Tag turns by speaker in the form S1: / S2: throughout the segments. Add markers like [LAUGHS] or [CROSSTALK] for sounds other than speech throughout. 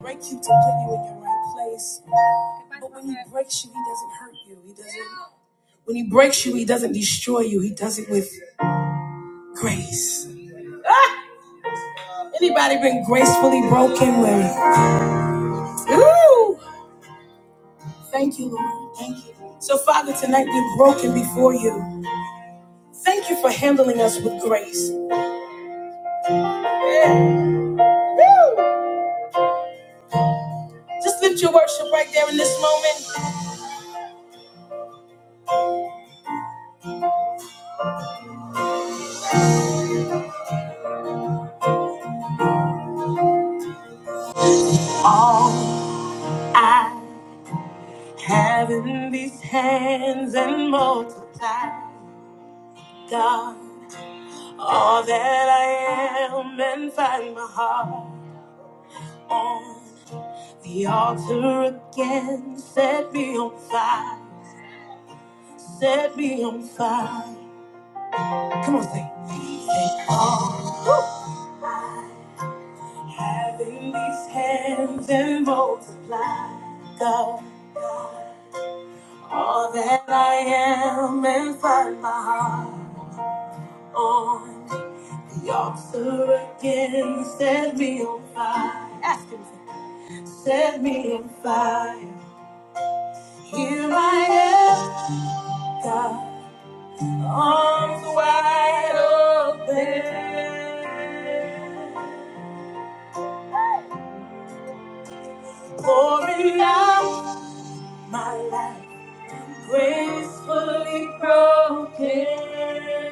S1: break you to put you in your right place. But when he breaks you, he doesn't hurt you. He doesn't. When he breaks you, he doesn't destroy you. He does it with grace. Ah! Anybody been gracefully broken with? Ooh! Thank you, Lord. Thank you. So, Father, tonight we're broken before you. Thank you for handling us with grace. Yeah. Woo! Just lift your worship right there in this moment. All I have in these hands and multiply, God. All that I am and find my heart on the altar again. Set me on fire, set me on fire. Come on, sing. Say, all having these hands and multiply, God. All that I am and find my heart on the altar again. Set me on fire. Ask him. Set me on fire. Here I am, God, arms wide open, pouring out my life, gracefully broken.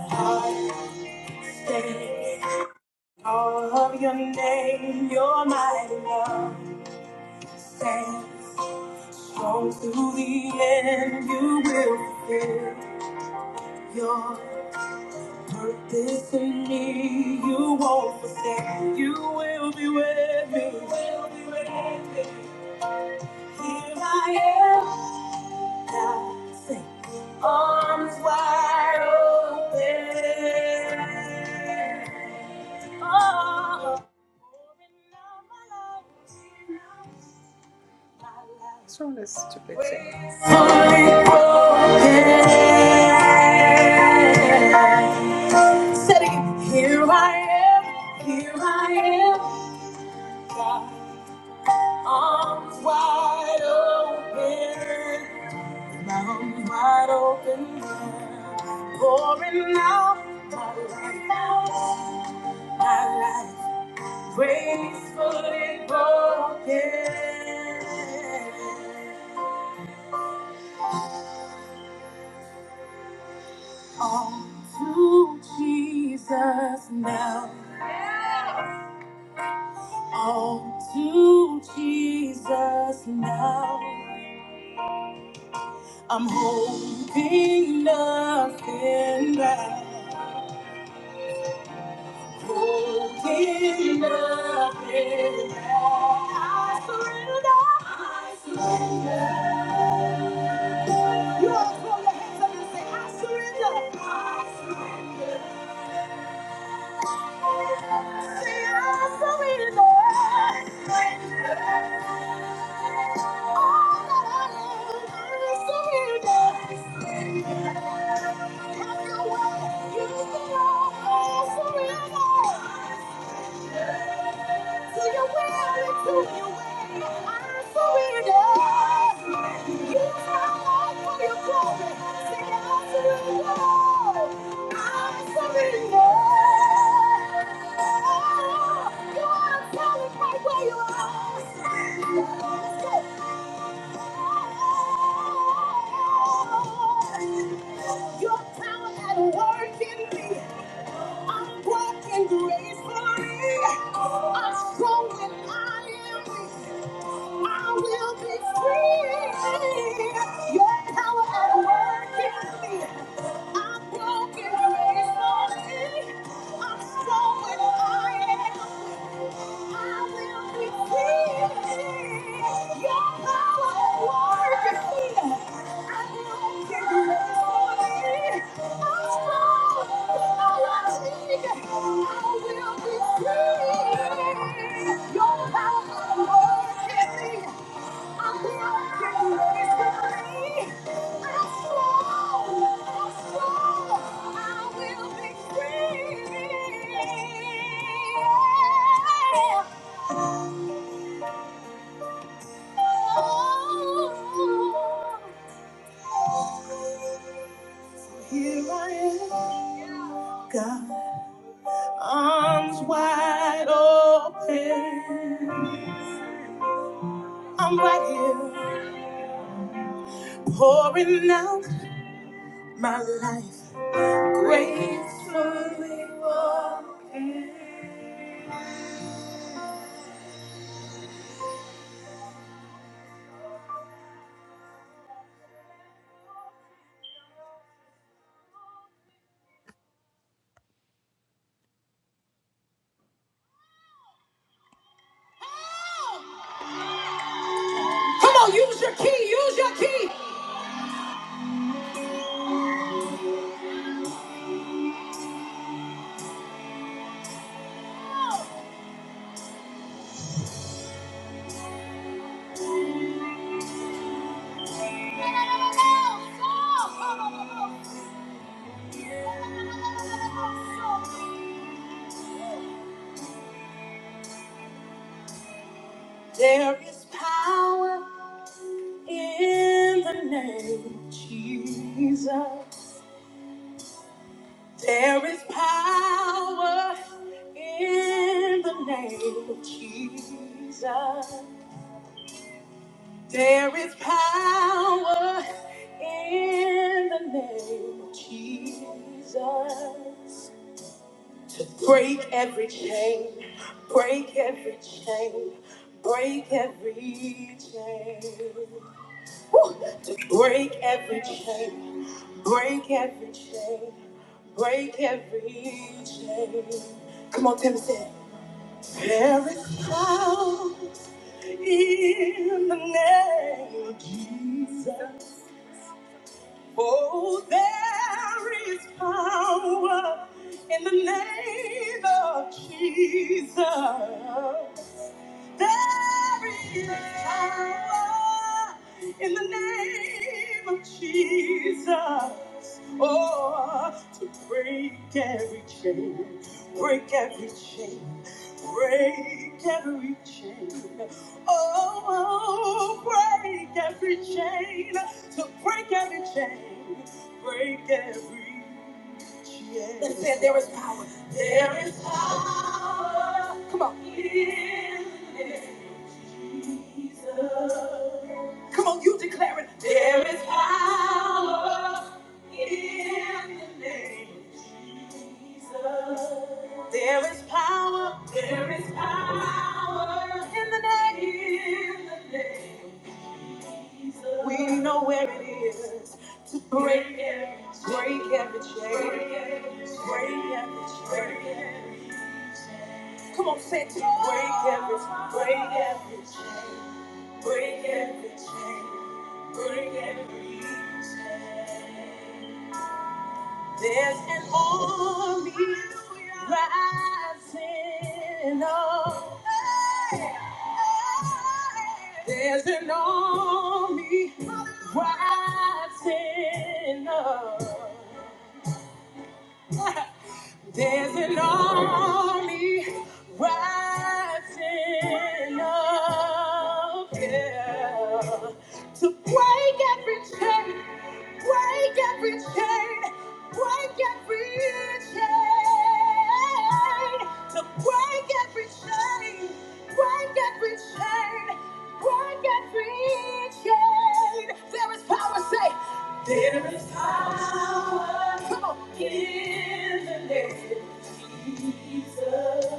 S1: My Heart stands, all of your name, your mighty love stands. Strong through the end, you will fulfill your Purpose in me, you won't forsake. You will be with me. You will be with me. Here I am, God, say, arms wide open. Oh, pouring out my life. my life. What's wrong with this stupid thing? Fully broken. Here I am, here I am, God. Arms wide open, arms wide open, God. pouring out my life, my life, gracefully broken. All to Jesus now. All to Jesus now. I'm holding nothing back. Holding nothing back. Here I am, God. Arms wide open. I'm right here, pouring out my life. Gracefully walking. There is power in the name of Jesus. There is power in the name of Jesus. There is power in the name of Jesus. To break every chain, break every chain, break every chain. To break every chain, break every chain, break every chain. Come on, Timothy. There is power in the name of Jesus. Oh, there is power in the name of Jesus. There is power to break every chain. break every break every chain. Oh, oh, break every. there is power. Come on, you declare it. There is power in the name of Jesus. There is power. There is power in the name. In the name. We know where it is to break every, break every chain, break every, break every chain. Come on, say it to me. break every, break every chain, break every chain, break every chain. There's an army rising up. There's an army rising up. There's an army rising There is power in the name of Jesus.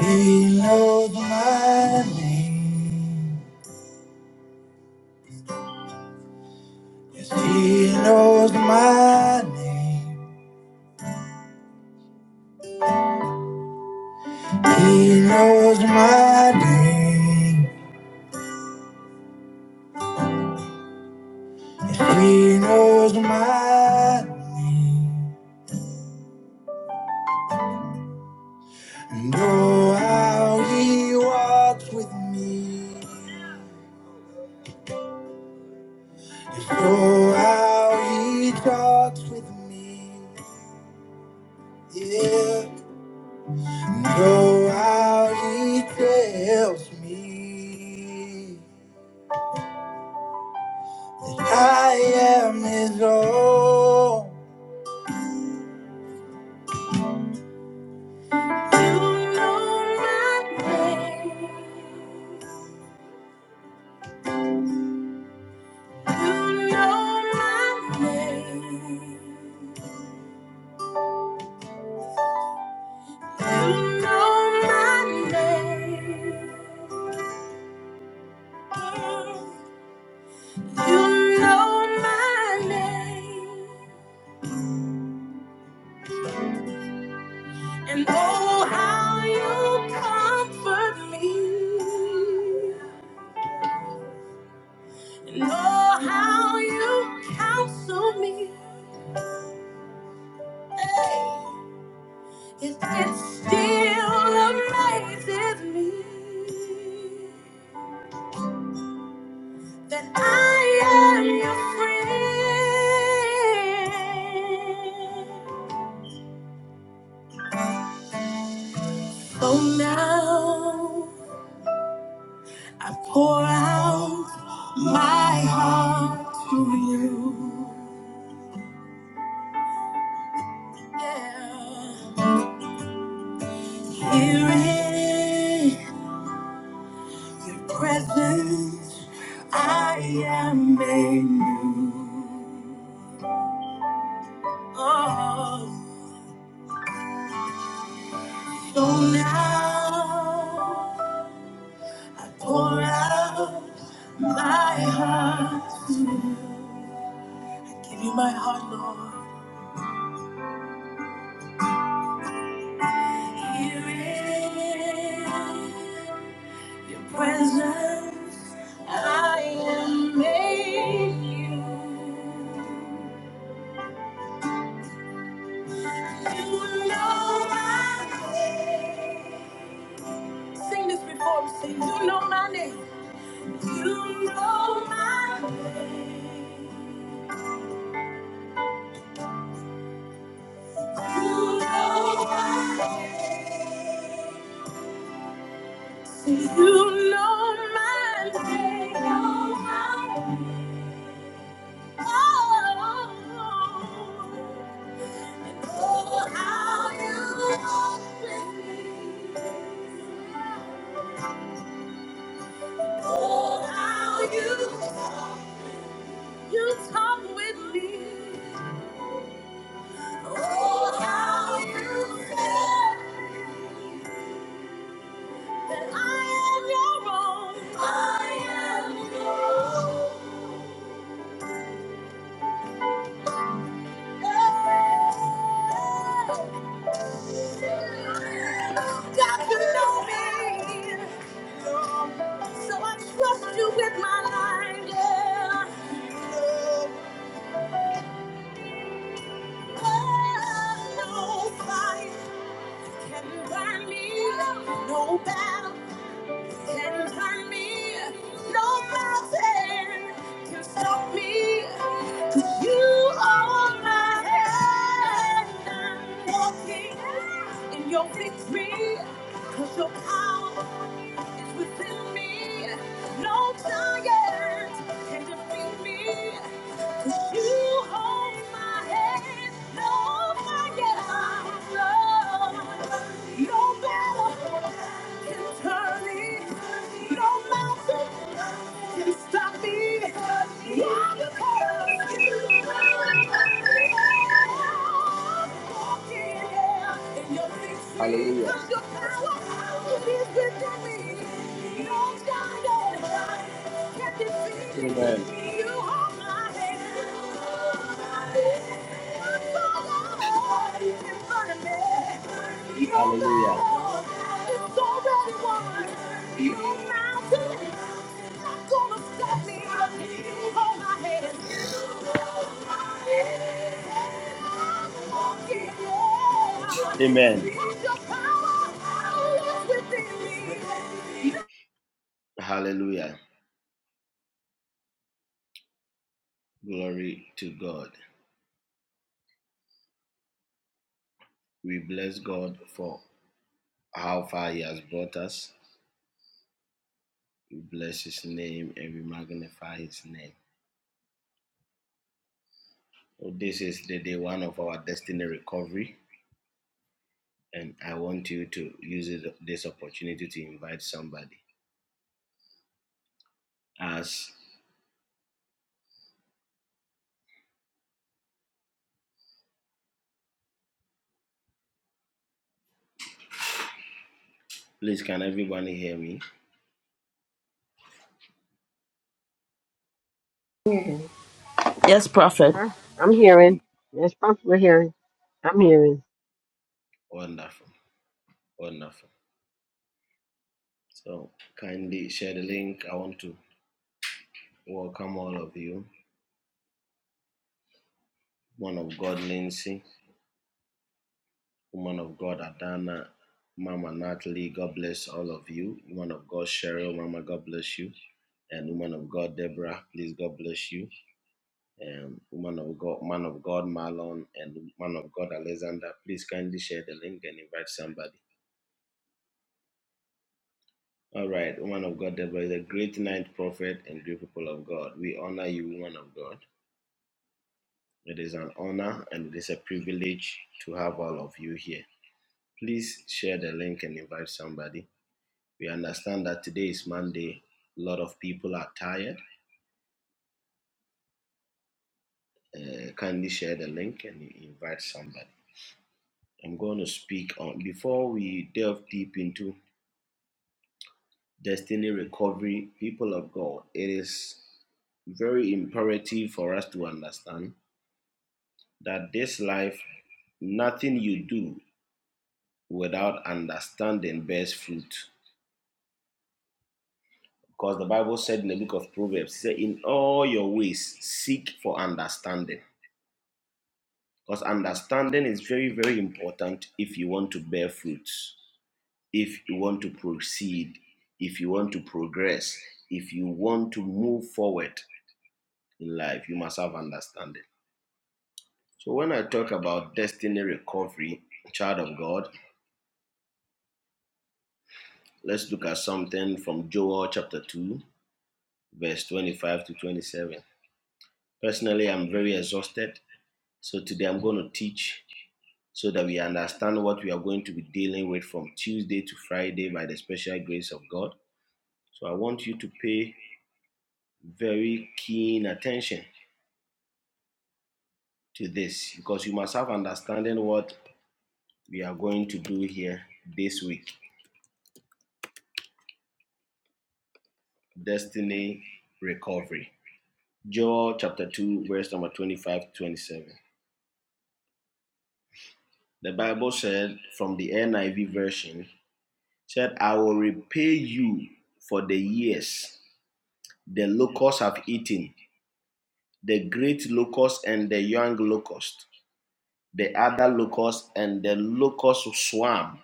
S1: They love my name. 'Cause He knows my name. He knows my name. He knows my name. and oh how he walks with me. Yes, oh how he talks with me. Yeah. And oh how he tells me that I am his own. And all You counsel me. It, it still amazes me that I am. So now I pour out my heart to you. Yeah. Here in your presence, I am made new. Oh, so now. Pour out my heart. I give you my heart, Lord. Here in your presence, I am made new. You know my name. Sing this before we sing. You know my name.
S2: Hallelujah. Amen. Hallelujah. Amen. Hallelujah. Glory to God. We bless God for how far He has brought us. We bless His name and we magnify His name. So this is the day one of our destiny recovery, and I want you to use it- this opportunity to invite somebody. As please, can everybody hear me?
S3: Yes, Prophet.
S4: Huh? I'm hearing. That's probably we're hearing. I'm hearing.
S2: Wonderful, wonderful. So kindly share the link. I want to welcome all of you woman of God Lindsay, woman of God Adana, Mama Natalie, God bless all of you. Woman of God Cheryl, Mama, God bless you. And woman of God Deborah, please God bless you. And woman of God, man of God Marlon, and man of God Alexander, please kindly share the link and invite somebody. All right, woman of God Deborah is a great ninth prophet and great people of God. We honor you, woman of God. It is an honor and it is a privilege to have all of you here. Please share the link and invite somebody We understand that today is Monday. A lot of people are tired. Uh, kindly share the link and invite somebody. I'm going to speak on before we delve deep into destiny recovery, people of God. It is very imperative for us to understand that this life, nothing you do without understanding bears fruit. Because the Bible said in the book of Proverbs, it said, In all your ways, seek for understanding. Because understanding is very, very important if you want to bear fruits, if you want to proceed, if you want to progress, if you want to move forward in life, you must have understanding. So, when I talk about destiny recovery, child of God, let's look at something from Joel chapter 2, verse 25 to 27. Personally, I'm very exhausted. So, today I'm going to teach so that we understand what we are going to be dealing with from Tuesday to Friday by the special grace of God. So I want you to pay very keen attention to this because you must have understanding what we are going to do here this week. Destiny recovery. Joel chapter 2, verse number 25 to 27. The Bible said from the NIV version, said, I will repay you for the years the locusts have eaten the great locust and the young locust, the other locust and the locust swarm,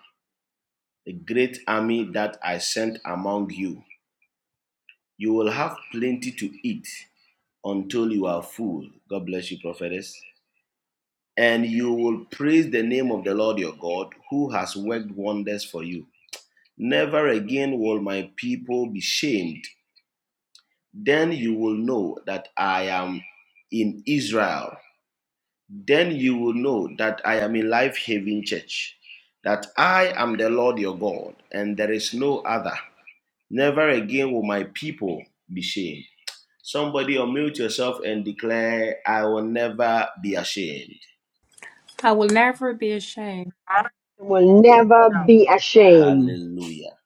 S2: the great army that I sent among you. You will have plenty to eat until you are full. God bless you, prophetess. And you will praise the name of the Lord your God, who has worked wonders for you. Never again will my people be shamed. Then you will know that I am in Israel then you will know that I am a Life having Church, that I am the Lord your God, and there is no other. Never again will my people be shamed. Somebody unmute yourself and declare, I will never be ashamed.
S4: It Will never be ashamed.
S2: Hallelujah.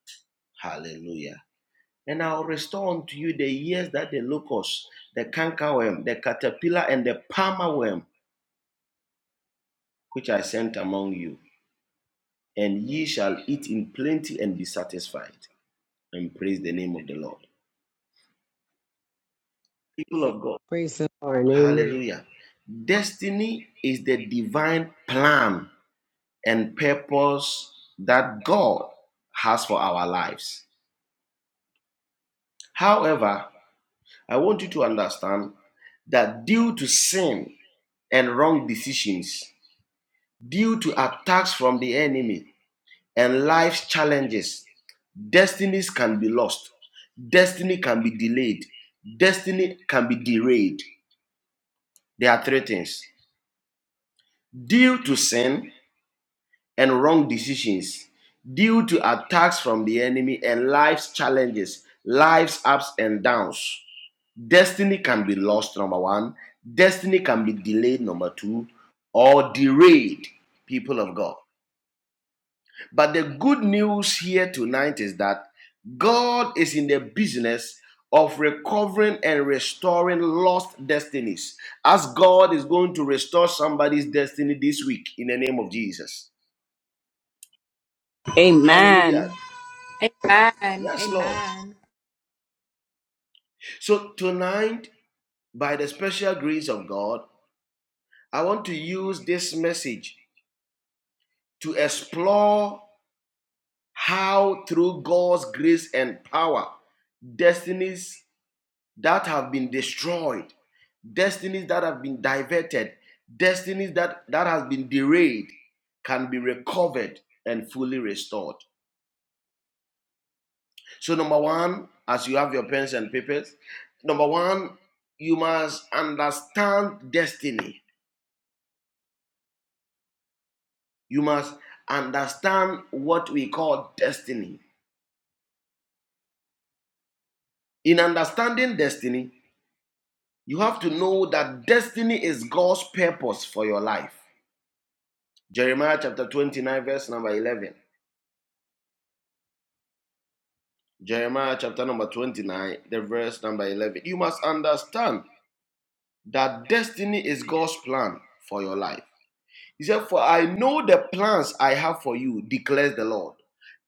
S2: Hallelujah. And I'll restore unto you the years that the locust, the cankerworm, the caterpillar, and the palmer worm, which I sent among you. And ye shall eat in plenty and be satisfied. And praise the name of the Lord. people of God.
S4: Praise the Lord, amen.
S2: Hallelujah. Destiny is the divine plan and purpose that God has for our lives. However, I want you to understand that due to sin and wrong decisions, due to attacks from the enemy and life's challenges, destinies can be lost, destiny can be delayed, destiny can be derailed. There are three things. Due to sin, and wrong decisions due to attacks from the enemy and life's challenges, life's ups and downs. Destiny can be lost, number one. Destiny can be delayed, number two, or derailed, people of God. But the good news here tonight is that God is in the business of recovering and restoring lost destinies, as God is going to restore somebody's destiny this week in the name of Jesus. Hallelujah.
S3: Amen.
S2: Yes, Lord. So tonight, by the special grace of God, I want to use this message to explore how, through God's grace and power, destinies that have been destroyed, destinies that have been diverted, destinies that, that has been derailed can be recovered and fully restored. So, number one, as you have your pens and papers, number one, you must understand destiny You must understand what we call destiny. In understanding destiny, you have to know that destiny is God's purpose for your life. Jeremiah chapter 29, verse number 11. Jeremiah chapter number 29, the verse number 11. You must understand that destiny is God's plan for your life. He said, For I know the plans I have for you, declares the Lord.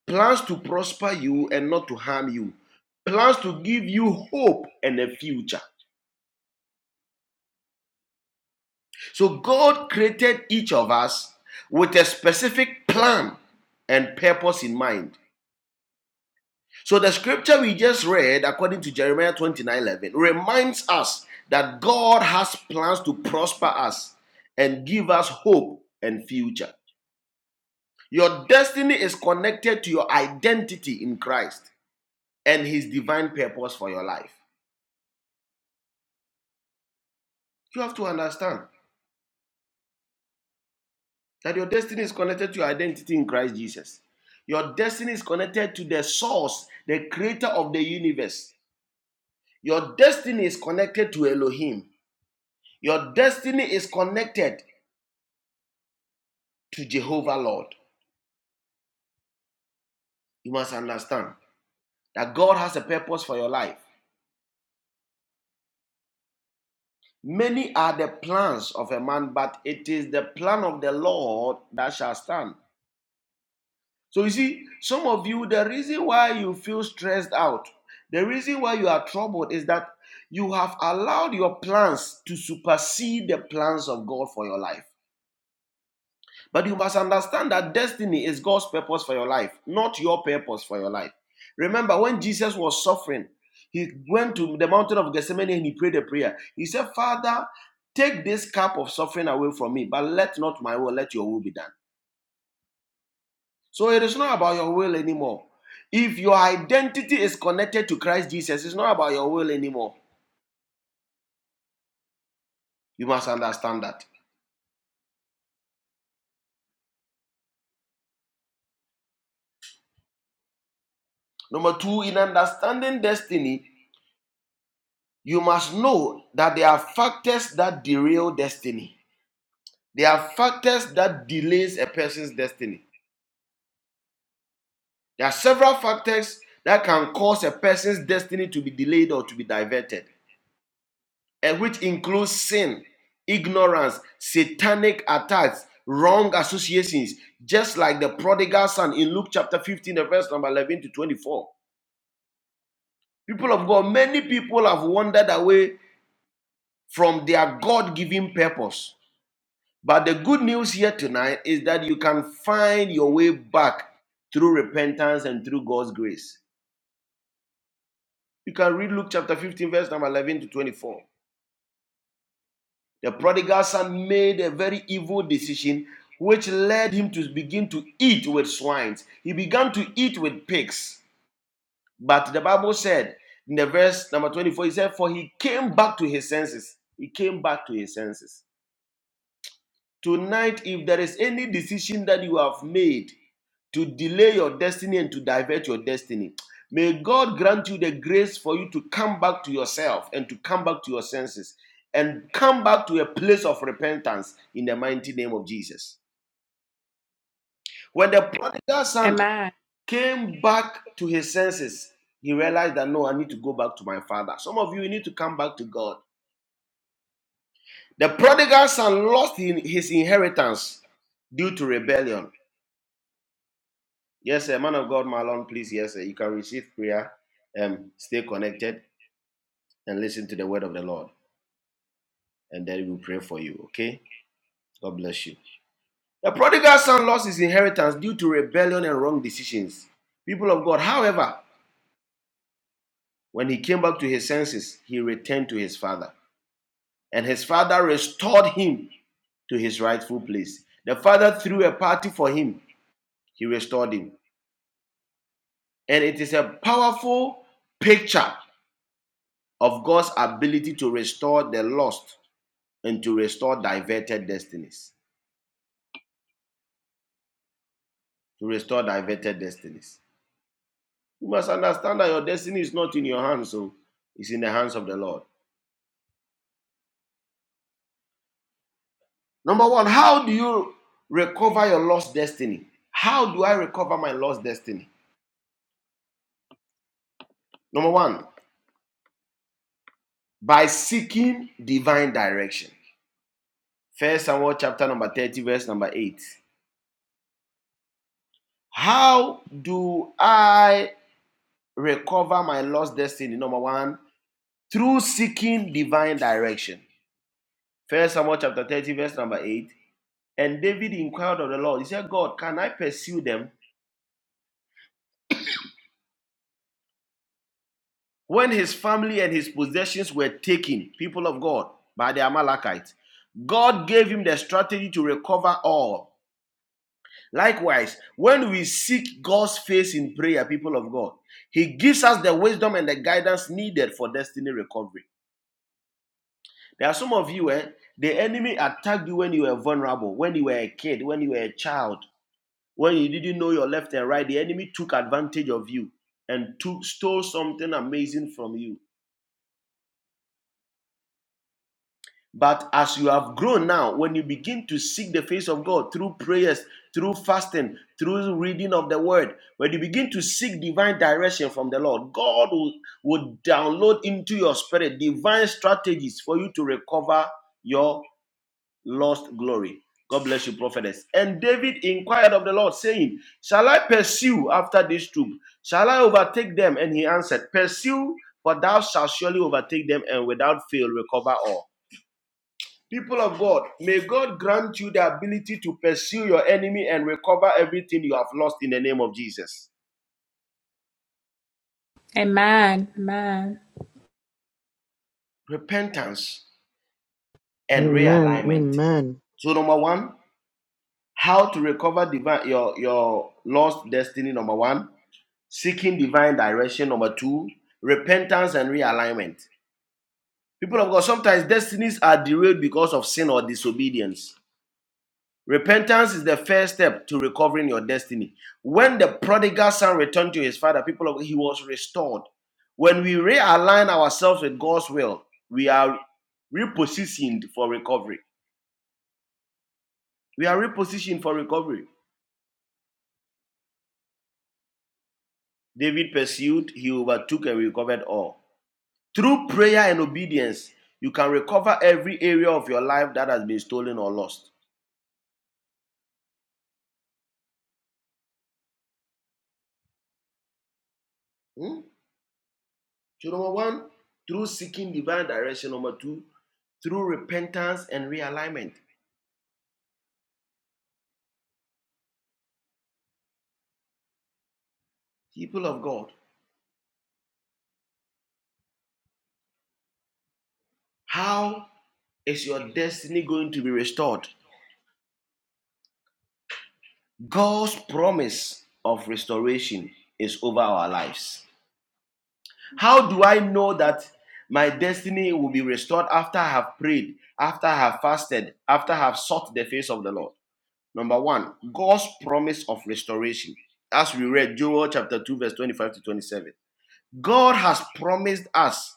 S2: Plans to prosper you and not to harm you. Plans to give you hope and a future. So God created each of us with a specific plan and purpose in mind. So the scripture we just read, according to Jeremiah 29 11, reminds us that God has plans to prosper us and give us hope and future. Your destiny is connected to your identity in Christ and his divine purpose for your life. You have to understand. That your destiny is connected to your identity in Christ Jesus. Your destiny is connected to the source, the creator of the universe. Your destiny is connected to Elohim. Your destiny is connected to Jehovah Lord. You must understand that God has a purpose for your life. Many are the plans of a man, but it is the plan of the Lord that shall stand. So you see, some of you, the reason why you feel stressed out, the reason why you are troubled is that you have allowed your plans to supersede the plans of God for your life. But you must understand that destiny is God's purpose for your life, not your purpose for your life. Remember, when Jesus was suffering, he went to the mountain of Gethsemane and he prayed a prayer. He said, Father, take this cup of suffering away from me, but let not my will, let your will be done. So it is not about your will anymore. If your identity is connected to Christ Jesus, it's not about your will anymore. You must understand that. Number two, in understanding destiny, you must know that there are factors that derail destiny. There are factors that delays a person's destiny. There are several factors that can cause a person's destiny to be delayed or to be diverted. and which includes sin, ignorance, satanic attacks, wrong associations, just like the prodigal son in Luke chapter 15, the verse number 11 to 24. People of God, many people have wandered away from their God given purpose. But the good news here tonight is that you can find your way back through repentance and through God's grace. You can read Luke chapter 15, verse number 11 to 24. The prodigal son made a very evil decision, which led him to begin to eat with swines. He began to eat with pigs. But the Bible said in the verse number 24, he said, For he came back to his senses. He came back to his senses. Tonight, if there is any decision that you have made to delay your destiny and to divert your destiny, may God grant you the grace for you to come back to yourself and to come back to your senses and come back to a place of repentance in the mighty name of Jesus. When the prodigal son came back to his senses, he realized that no, I need to go back to my father. Some of you, you need to come back to God. The prodigal son lost in his inheritance due to rebellion. Yes, sir. Man of God, Marlon, please. Yes, sir. You can receive prayer. Um, stay connected and listen to the word of the Lord. And then we'll pray for you. Okay? God bless you. The prodigal son lost his inheritance due to rebellion and wrong decisions. People of God, however, when he came back to his senses, he returned to his father. And his father restored him to his rightful place. The father threw a party for him, he restored him. And it is a powerful picture of God's ability to restore the lost and to restore diverted destinies. To restore diverted destinies. You must understand that your destiny is not in your hands, so it's in the hands of the Lord. Number one, how do you recover your lost destiny? How do I recover my lost destiny? Number one, by seeking divine direction. First Samuel chapter number 30, verse number 8. How do I recover my lost destiny? Number one, through seeking divine direction. First Samuel chapter 30, verse number 8. And David inquired of the Lord. He said, God, can I pursue them? When his family and his possessions were taken, people of God, by the Amalekites, God gave him the strategy to recover all. Likewise, when we seek God's face in prayer, people of God, He gives us the wisdom and the guidance needed for destiny recovery. There are some of you, eh, the enemy attacked you when you were vulnerable, when you were a kid, when you were a child. when you didn't know your left and right, the enemy took advantage of you and took, stole something amazing from you. But as you have grown now, when you begin to seek the face of God through prayers, through fasting, through reading of the word, when you begin to seek divine direction from the Lord, God will, will download into your spirit divine strategies for you to recover your. lost glory. God bless you, prophetess. And David inquired of the Lord, saying, Shall I pursue after this troop? Shall I overtake them? And he answered, Pursue, for thou shalt surely overtake them and without fail recover all. People of God, may God grant you the ability to pursue your enemy and recover everything you have lost in the name of Jesus. Repentance and
S5: Amen.
S2: realignment.
S5: Amen.
S2: So, number one, how to recover divi- your, your lost destiny, number one seeking divine direction. Number two, repentance and realignment. People of God, sometimes destinies are derailed because of sin or disobedience. Repentance is the first step to recovering your destiny. When the prodigal son returned to his father, people of God, he was restored. When we realign ourselves with God's will, we are repositioned for recovery. We are repositioned for recovery. David pursued, he overtook and recovered all. Through prayer and obedience, you can recover every area of your life that has been stolen or lost. Hmm? So, number one, through seeking divine direction. Number two, through repentance and realignment. People of God, how is your destiny going to be restored? God's promise of restoration is over our lives. How do I know that my destiny will be restored after I have prayed, after I have fasted, after I have sought the face of the Lord? Number one, God's promise of restoration. As we read Joel chapter 2, verse 25 to 27. God has promised us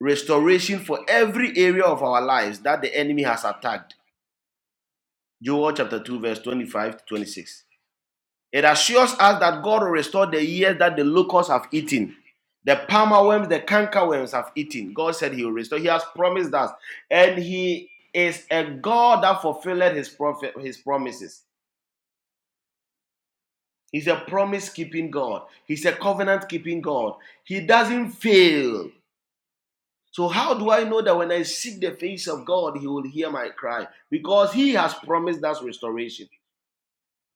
S2: restoration for every area of our lives that the enemy has attacked. Joel chapter 2, verse 25 to 26. It assures us that God will restore the years that the locusts have eaten. The palmer worms, the canker worms have eaten. God said He will restore. He has promised us. And He is a God that fulfilled His, prophet, his promises. He's a promise keeping God. He's a covenant keeping God. He doesn't fail. So, how do I know that when I seek the face of God, He will hear my cry? Because He has promised us restoration.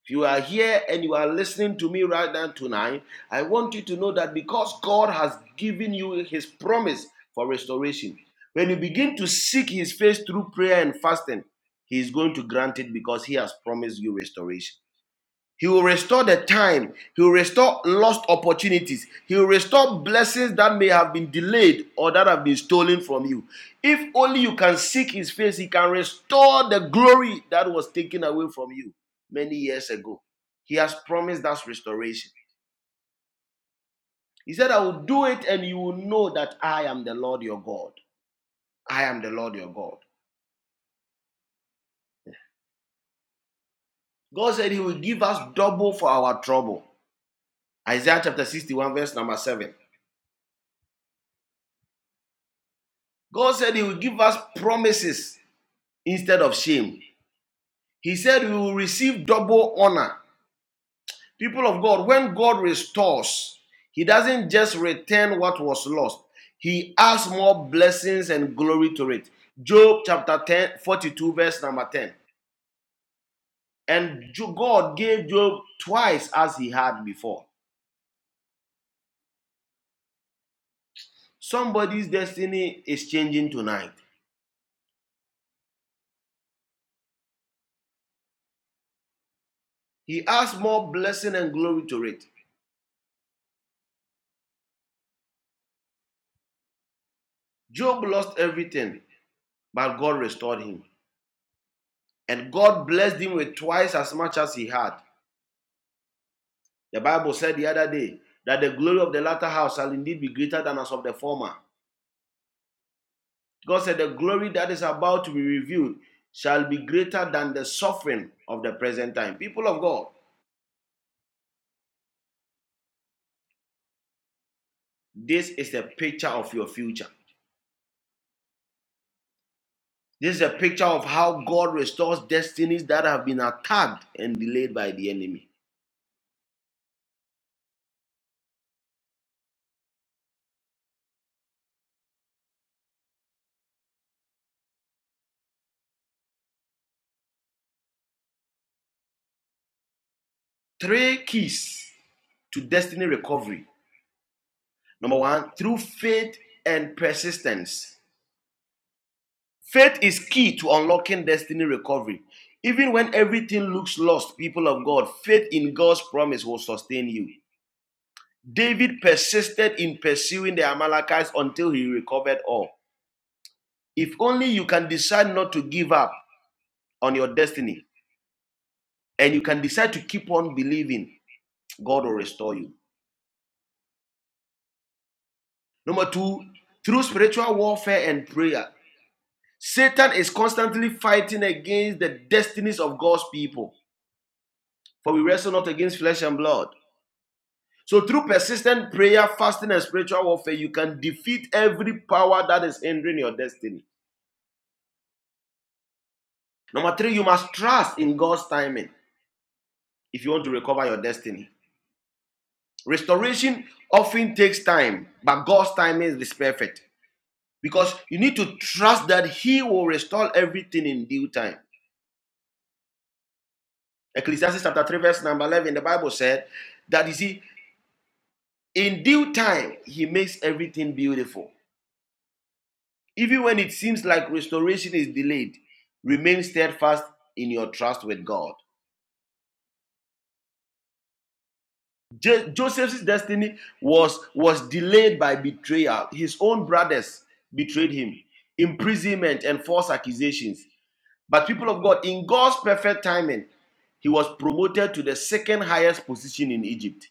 S2: If you are here and you are listening to me right now tonight, I want you to know that because God has given you His promise for restoration, when you begin to seek His face through prayer and fasting, He is going to grant it because He has promised you restoration. He will restore the time. He will restore lost opportunities. He will restore blessings that may have been delayed or that have been stolen from you. If only you can seek His face, He can restore the glory that was taken away from you many years ago. He has promised us restoration. He said, I will do it and you will know that I am the Lord your God. I am the Lord your God. God said He will give us double for our trouble. Isaiah chapter 61, verse number 7. God said He will give us promises instead of shame. He said, You will receive double honor. People of God, when God restores, He doesn't just return what was lost, He adds more blessings and glory to it. Job chapter 10, 42, verse number 10. And God gave Job twice as He had before. Somebody's destiny is changing tonight. He adds more blessing and glory to it. Job lost everything, but God restored him. And God blessed him with twice as much as he had. The Bible said the other day that the glory of the latter house shall indeed be greater than as of the former. God said the glory that is about to be revealed shall be greater than the suffering of the present time. People of God, this is a picture of your future. This is a picture of how God restores destinies that have been attacked and delayed by the enemy. Three keys to destiny recovery. Number one, through faith and persistence. Faith is key to unlocking destiny recovery. Even when everything looks lost, people of God, faith in God's promise will sustain you. David persisted in pursuing the Amalekites until he recovered all. If only you can decide not to give up on your destiny and you can decide to keep on believing, God will restore you. Number two, through spiritual warfare and prayer, Satan is constantly fighting against the destinies of God's people. For we wrestle not against flesh and blood So through persistent prayer, fasting, and spiritual warfare, you can defeat every power that is hindering your destiny. Number three, you must trust in God's timing if you want to recover your destiny. Restoration often takes time, but God's timing is perfect because you need to trust that He will restore everything in due time. Ecclesiastes chapter 3, verse number 11, the Bible said that you see, in due time, He makes everything beautiful. Even when it seems like restoration is delayed, remain steadfast in your trust with God. Jo- Joseph's destiny was, was delayed by betrayal. His own brothers betrayed him, imprisonment, and false accusations. But, people of God, in God's perfect timing, he was promoted to the second highest position in Egypt.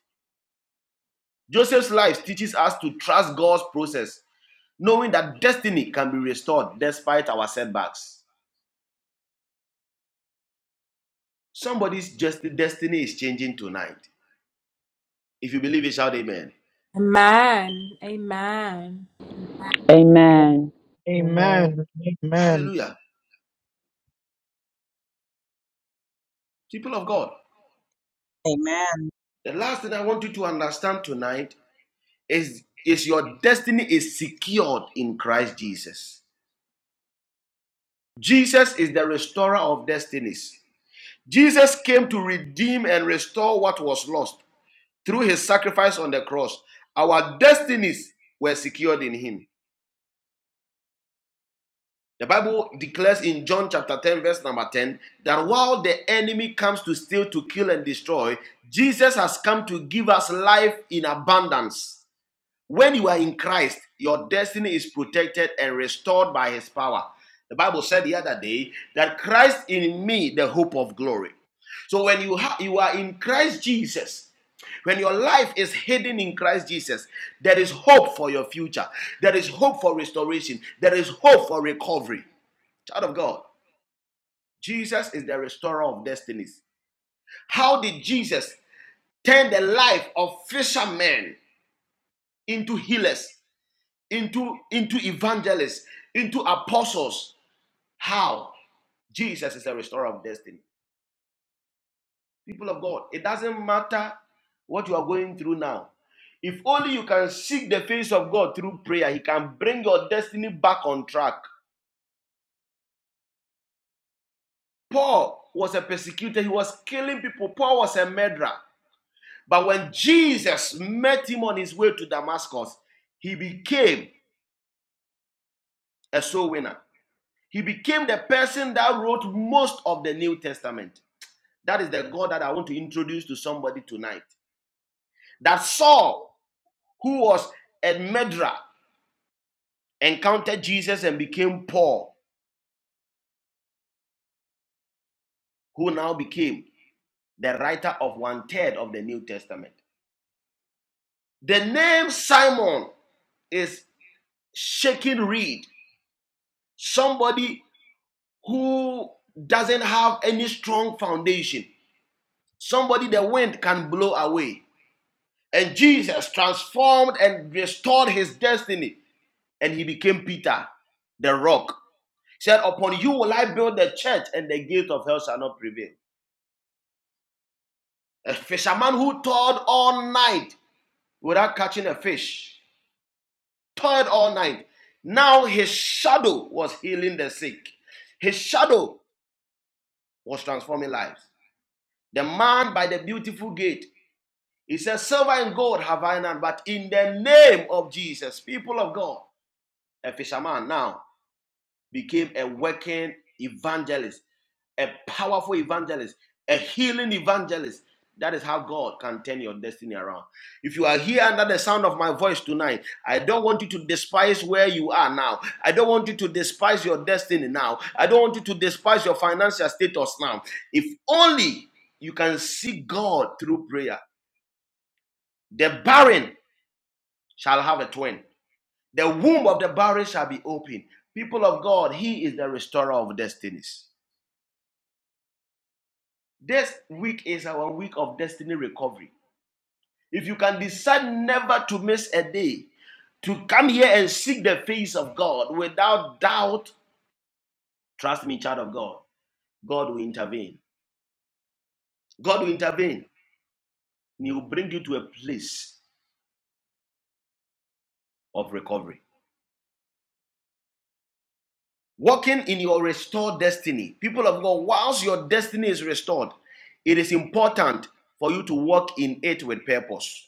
S2: Joseph's life teaches us to trust God's process, knowing that destiny can be restored despite our setbacks. Somebody's just destiny is changing tonight. If you believe it, shout amen.
S6: Amen.
S7: Amen.
S6: Amen.
S5: Amen. Amen.
S2: Hallelujah. People of God,
S8: Amen.
S2: the last thing I want you to understand tonight is, is your destiny is secured in Christ Jesus. Jesus is the restorer of destinies. Jesus came to redeem and restore what was lost through his sacrifice on the cross. Our destinies were secured in him. The Bible declares in John chapter 10, verse number 10, that while the enemy comes to steal, to kill, and destroy, Jesus has come to give us life in abundance. When you are in Christ, your destiny is protected and restored by his power. The Bible said the other day that Christ in me, the hope of glory. So when you ha- you are in Christ Jesus, when your life is hidden in Christ Jesus, there is hope for your future. There is hope for restoration. There is hope for recovery. Child of God, Jesus is the restorer of destinies. How did Jesus turn the life of fishermen into healers, into, into evangelists, into apostles? How? Jesus is the restorer of destiny. People of God, it doesn't matter what you are going through now. If only you can seek the face of God through prayer, He can bring your destiny back on track. Paul was a persecutor, he was killing people. Paul was a murderer. But when Jesus met him on his way to Damascus, he became a soul winner. He became the person that wrote most of the New Testament. That is the God that I want to introduce to somebody tonight. That Saul, who was a murderer, encountered Jesus and became Paul, who now became the writer of one third of the New Testament. The name Simon is shaking reed. Somebody who doesn't have any strong foundation. Somebody the wind can blow away. And Jesus transformed and restored his destiny. And he became Peter, the rock. He said, Upon you will I build the church, and the gate of hell shall not prevail. A fisherman who toiled all night without catching a fish, toiled all night. Now his shadow was healing the sick, his shadow was transforming lives. The man by the beautiful gate He says, Silver and gold have I none, but in the name of Jesus, people of God, a fisherman now became a working evangelist, a powerful evangelist, a healing evangelist. That is how God can turn your destiny around. If you are here under the sound of my voice tonight, I don't want you to despise where you are now. I don't want you to despise your destiny now. I don't want you to despise your financial status now. If only you can see God through prayer. The barren shall have a twin. The womb of the barren shall be open. People of God, He is the restorer of destinies. This week is our week of destiny recovery. If you can decide never to miss a day, to come here and seek the face of God without doubt, trust me, child of God, God will intervene. God will intervene. And He will bring you to a place of recovery. Walking in your restored destiny. People of God, whilst your destiny is restored, it is important for you to walk in it with purpose.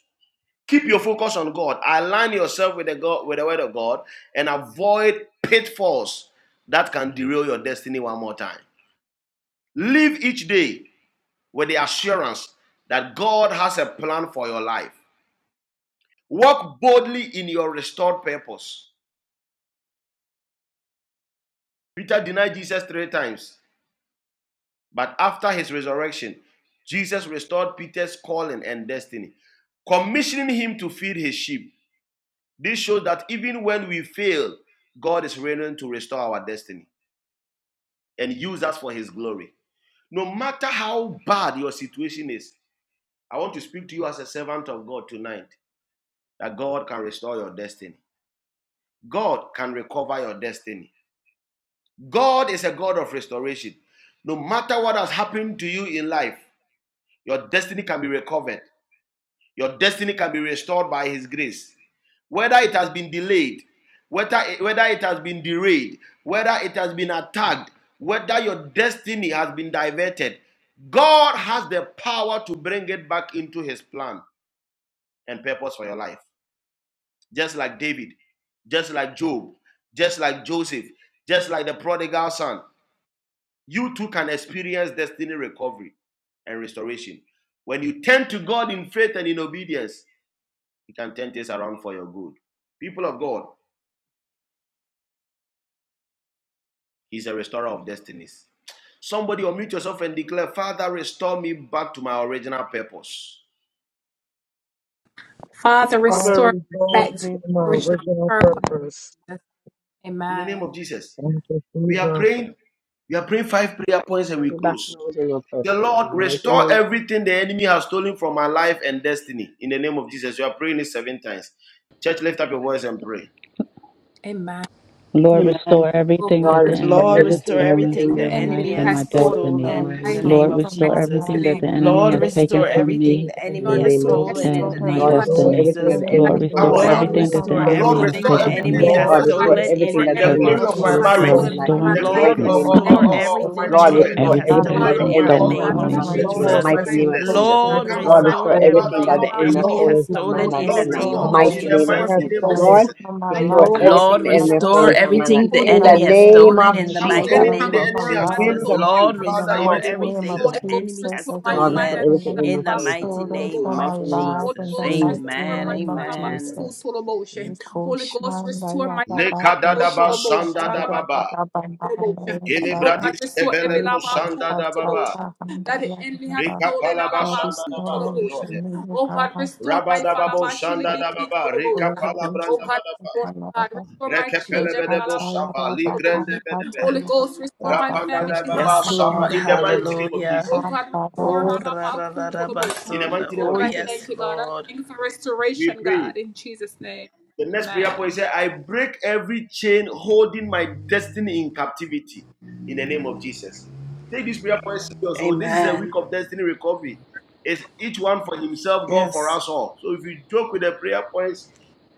S2: Keep your focus on God. Align yourself with the God with the word of God and avoid pitfalls that can derail your destiny one more time. Live each day with the assurance that God has a plan for your life. Walk boldly in your restored purpose. Peter denied Jesus three times. But after his resurrection, Jesus restored Peter's calling and destiny, commissioning him to feed his sheep. This shows that even when we fail, God is reigning to restore our destiny and use us for his glory. No matter how bad your situation is, I want to speak to you as a servant of God tonight that God can restore your destiny. God can recover your destiny. God is a God of restoration. No matter what has happened to you in life, your destiny can be recovered. Your destiny can be restored by His grace. Whether it has been delayed, whether, it, whether it has been derailed, whether it has been attacked, whether your destiny has been diverted, God has the power to bring it back into His plan and purpose for your life. Just like David, just like Job, just like Joseph, just like the prodigal son, you too can experience destiny recovery and restoration. When you turn to God in faith and in obedience, He can turn things around for your good. People of God, He's a restorer of destinies. Somebody unmute yourself and declare, Father, restore me back to my original purpose.
S6: Father,
S5: Father,
S6: restore
S5: return to
S6: me from
S5: my original purpose.
S2: In the name of Jesus.
S5: Thank you,
S2: We are
S5: Jesus.
S2: praying, we are praying five prayer points and we
S4: we back to
S2: close.
S4: the original purpose.
S2: The
S4: In
S2: Lord,
S4: the mighty
S2: restore
S4: name,
S2: everything the enemy has stolen from my life and destiny. In the name of Jesus. You are praying it seven times. Church, lift up your voice and pray.
S7: Lord,
S3: Amen.
S7: restore everything that
S4: Lord,
S7: the
S4: restore
S7: enemy
S3: Lord,
S7: has
S3: restore
S4: everything that the
S7: stolen
S3: everything
S7: from
S4: enemy
S3: the
S7: my life
S3: enemy
S7: and
S4: has
S3: has
S7: my
S4: stolen
S7: destiny.
S4: from
S9: that
S3: stolen
S4: my
S3: in the
S4: life.
S3: name
S7: Lord,
S9: stolen
S3: of
S9: from
S7: restore
S9: our
S3: Jesus.
S7: everything
S9: life
S7: that
S9: and
S7: the
S9: the
S7: enemy
S3: Lord,
S7: has
S5: Lord, we
S9: mighty
S7: taken
S3: restore
S5: put
S7: from
S5: everything
S3: everything
S7: me
S5: that
S3: the
S4: In the
S3: enemy
S5: enemy has
S3: has
S4: name
S9: Lord,
S4: of
S6: all
S5: stolen.
S3: stolen in
S4: Jesus.
S9: restore
S3: the
S7: and my
S3: name
S4: Lord,
S3: of
S9: everything that
S5: Lord,
S4: restore
S5: we
S7: destiny.
S4: everything
S9: the
S5: put
S4: that
S3: Jesus.
S4: the enemy
S7: Lord,
S4: has
S9: enemy
S5: everything
S2: Come
S7: restore
S4: stolen
S9: has
S5: that
S2: on
S4: from
S2: now.
S5: the
S3: Lord,
S4: my
S9: stolen
S7: everything
S4: life
S5: enemy has
S4: in
S7: that
S4: the
S7: the
S9: from
S3: restore
S9: our
S4: mighty
S2: Lord,
S5: stolen.
S7: enemy
S4: name
S7: has
S4: of
S9: life
S2: restore
S3: everything the
S9: in
S7: taken
S4: Jesus.
S9: the
S7: from
S2: everything
S7: my
S3: enemy
S2: the
S9: name of
S3: has
S2: enemy
S5: Lord,
S4: Lord,
S2: has
S7: destiny
S2: stolen.
S4: restore
S7: and
S5: restore
S3: stolen
S7: my
S3: in
S9: Jesus.
S4: everything
S3: the
S4: that the
S2: The
S5: everything
S3: name
S5: that
S4: enemy
S5: the
S7: purpose.
S4: has
S2: glory
S3: of
S9: Lord,
S2: of
S5: enemy
S2: my
S4: stolen
S5: has
S2: marriage
S4: from
S9: restore
S6: my
S7: Lord,
S3: Jesus.
S4: my
S5: stolen.
S4: life
S9: me
S7: restore
S4: in the
S2: the
S7: unto
S9: everything
S2: glory
S9: that
S3: Lord,
S4: mighty
S9: the
S7: me
S2: of,
S4: name
S5: Lord,
S2: of,
S4: of
S9: enemy
S3: restore
S2: of,
S7: [CLEARS THROAT]
S4: Jesus.
S9: has
S5: restore
S2: of my
S9: stolen
S3: everything the
S4: Lord,
S5: everything that
S2: children,
S9: from
S5: the
S3: enemy
S4: restore
S9: our
S3: has
S7: everything
S2: the
S5: enemy
S7: that
S5: has
S4: everything
S9: life
S7: has
S4: that
S2: glory
S4: the
S3: stolen
S2: of
S7: been
S2: my
S3: in
S4: enemy
S5: stolen.
S3: the
S4: has
S9: in
S7: stolen
S9: the
S4: stolen
S2: husband,
S3: name
S7: from
S4: from
S3: of
S9: name
S4: my
S7: me.
S9: of
S4: life
S2: the
S4: in the
S2: glory of
S5: Lord,
S3: Jesus.
S2: my
S4: mighty
S9: Jesus.
S4: name
S5: restore
S9: We
S4: of
S2: business.
S9: go
S5: everything
S4: Jesus.
S9: through
S5: that
S3: Lord,
S9: the
S5: the
S6: problems,
S2: Come on
S9: boat
S4: Lord,
S5: enemy has
S2: now,
S3: restore
S4: restore
S9: back
S6: everything
S9: up
S5: stolen.
S2: Father,
S4: everything
S3: everything
S4: that the
S9: tired.
S2: Lord,
S3: the
S4: enemy has
S3: enemy
S2: restore,
S5: Lord,
S3: has
S4: stolen from my
S9: Lord,
S5: restore
S3: stolen
S4: life
S3: in
S2: Lord,
S3: the
S4: in the
S3: name
S9: restore
S2: restore
S5: everything
S3: of
S5: that
S9: my
S2: in
S4: mighty
S5: the
S2: the
S5: enemy
S4: name of
S3: Jesus.
S5: has
S2: mighty
S6: my
S4: Jesus.
S2: name of
S9: God,
S5: stolen.
S6: servant,
S4: Lord,
S2: Jesus.
S9: restore my
S4: restore
S9: life,
S5: Lord,
S9: restore
S3: Lord,
S4: everything the
S9: my
S4: enemy
S5: destroy
S4: has
S3: restore
S4: stolen
S9: destiny,
S4: from my life
S3: everything the
S9: everything
S5: everything
S4: in
S9: that
S4: the
S5: that
S3: enemy
S9: the
S5: the
S3: has
S5: enemy
S4: name
S3: stolen
S4: of
S3: in
S9: enemy
S5: has
S3: the
S2: Come
S9: has
S2: on,
S3: mighty
S4: Jesus.
S9: stolen
S2: anything
S3: name
S5: stolen
S2: the
S9: from
S3: of
S9: my
S6: everything
S2: enemy has
S9: life.
S5: in
S3: Jesus.
S2: stolen
S5: the
S2: from you,
S5: mighty
S3: Lord,
S6: my
S9: In the
S5: name
S2: Father, in
S3: restore
S2: the
S5: of
S9: mighty
S2: name of
S9: name of
S3: everything
S2: Jesus.
S5: Jesus.
S3: the enemy
S9: Jesus,
S3: has
S4: Lord,
S9: everything
S6: Jesus.
S4: restore
S3: stolen
S9: the
S4: everything the enemy
S9: enemy
S3: in
S4: has
S3: the
S9: has
S4: stolen from
S3: mighty
S4: my life
S9: stolen
S4: in
S3: name
S4: the
S9: from my
S3: of
S4: mighty name of
S9: life, in
S3: Jesus.
S9: the mighty
S4: Jesus
S3: Amen.
S4: Christ.
S9: name
S4: our
S9: of
S3: Amen.
S4: Lord.
S9: Jesus. We caution, Raya Baba,
S2: Lekadadaba
S9: Kusha, Sata, Baba,
S2: sandadababa.
S9: Baba, Mandaya, Baba,
S2: Ikelebradis evelebo
S9: Rika,
S2: sandadababa.
S9: Patata, Handaya, Baba.
S2: Rekapalaba
S9: God is
S2: sandadaba.
S9: known to me, God. Thank
S2: Rabadababo
S9: you, Baba,
S2: sandadababa.
S9: for the
S2: Rekapalabrandabadaba.
S9: revelation. Amen.
S2: Rekepelebedebo saba. Ligrendebedebehe. Rapanda da baba
S3: Yes,
S2: shabra.
S3: Lord.
S2: In the mighty name of
S3: Hallelujah.
S2: Jesus.
S3: Oh, ra, ra, ra, ra,
S2: In the
S3: basunda.
S2: mighty name
S3: oh
S2: of Jesus.
S3: yes, Lord.
S2: We pray. The next prayer point says, I break every chain holding my destiny in captivity. In the name of Jesus. Take this prayer point serious. So this is a week
S3: Amen.
S2: of destiny recovery. It's each one for himself, God for
S3: Yes.
S2: us all. So if you joke with the prayer points,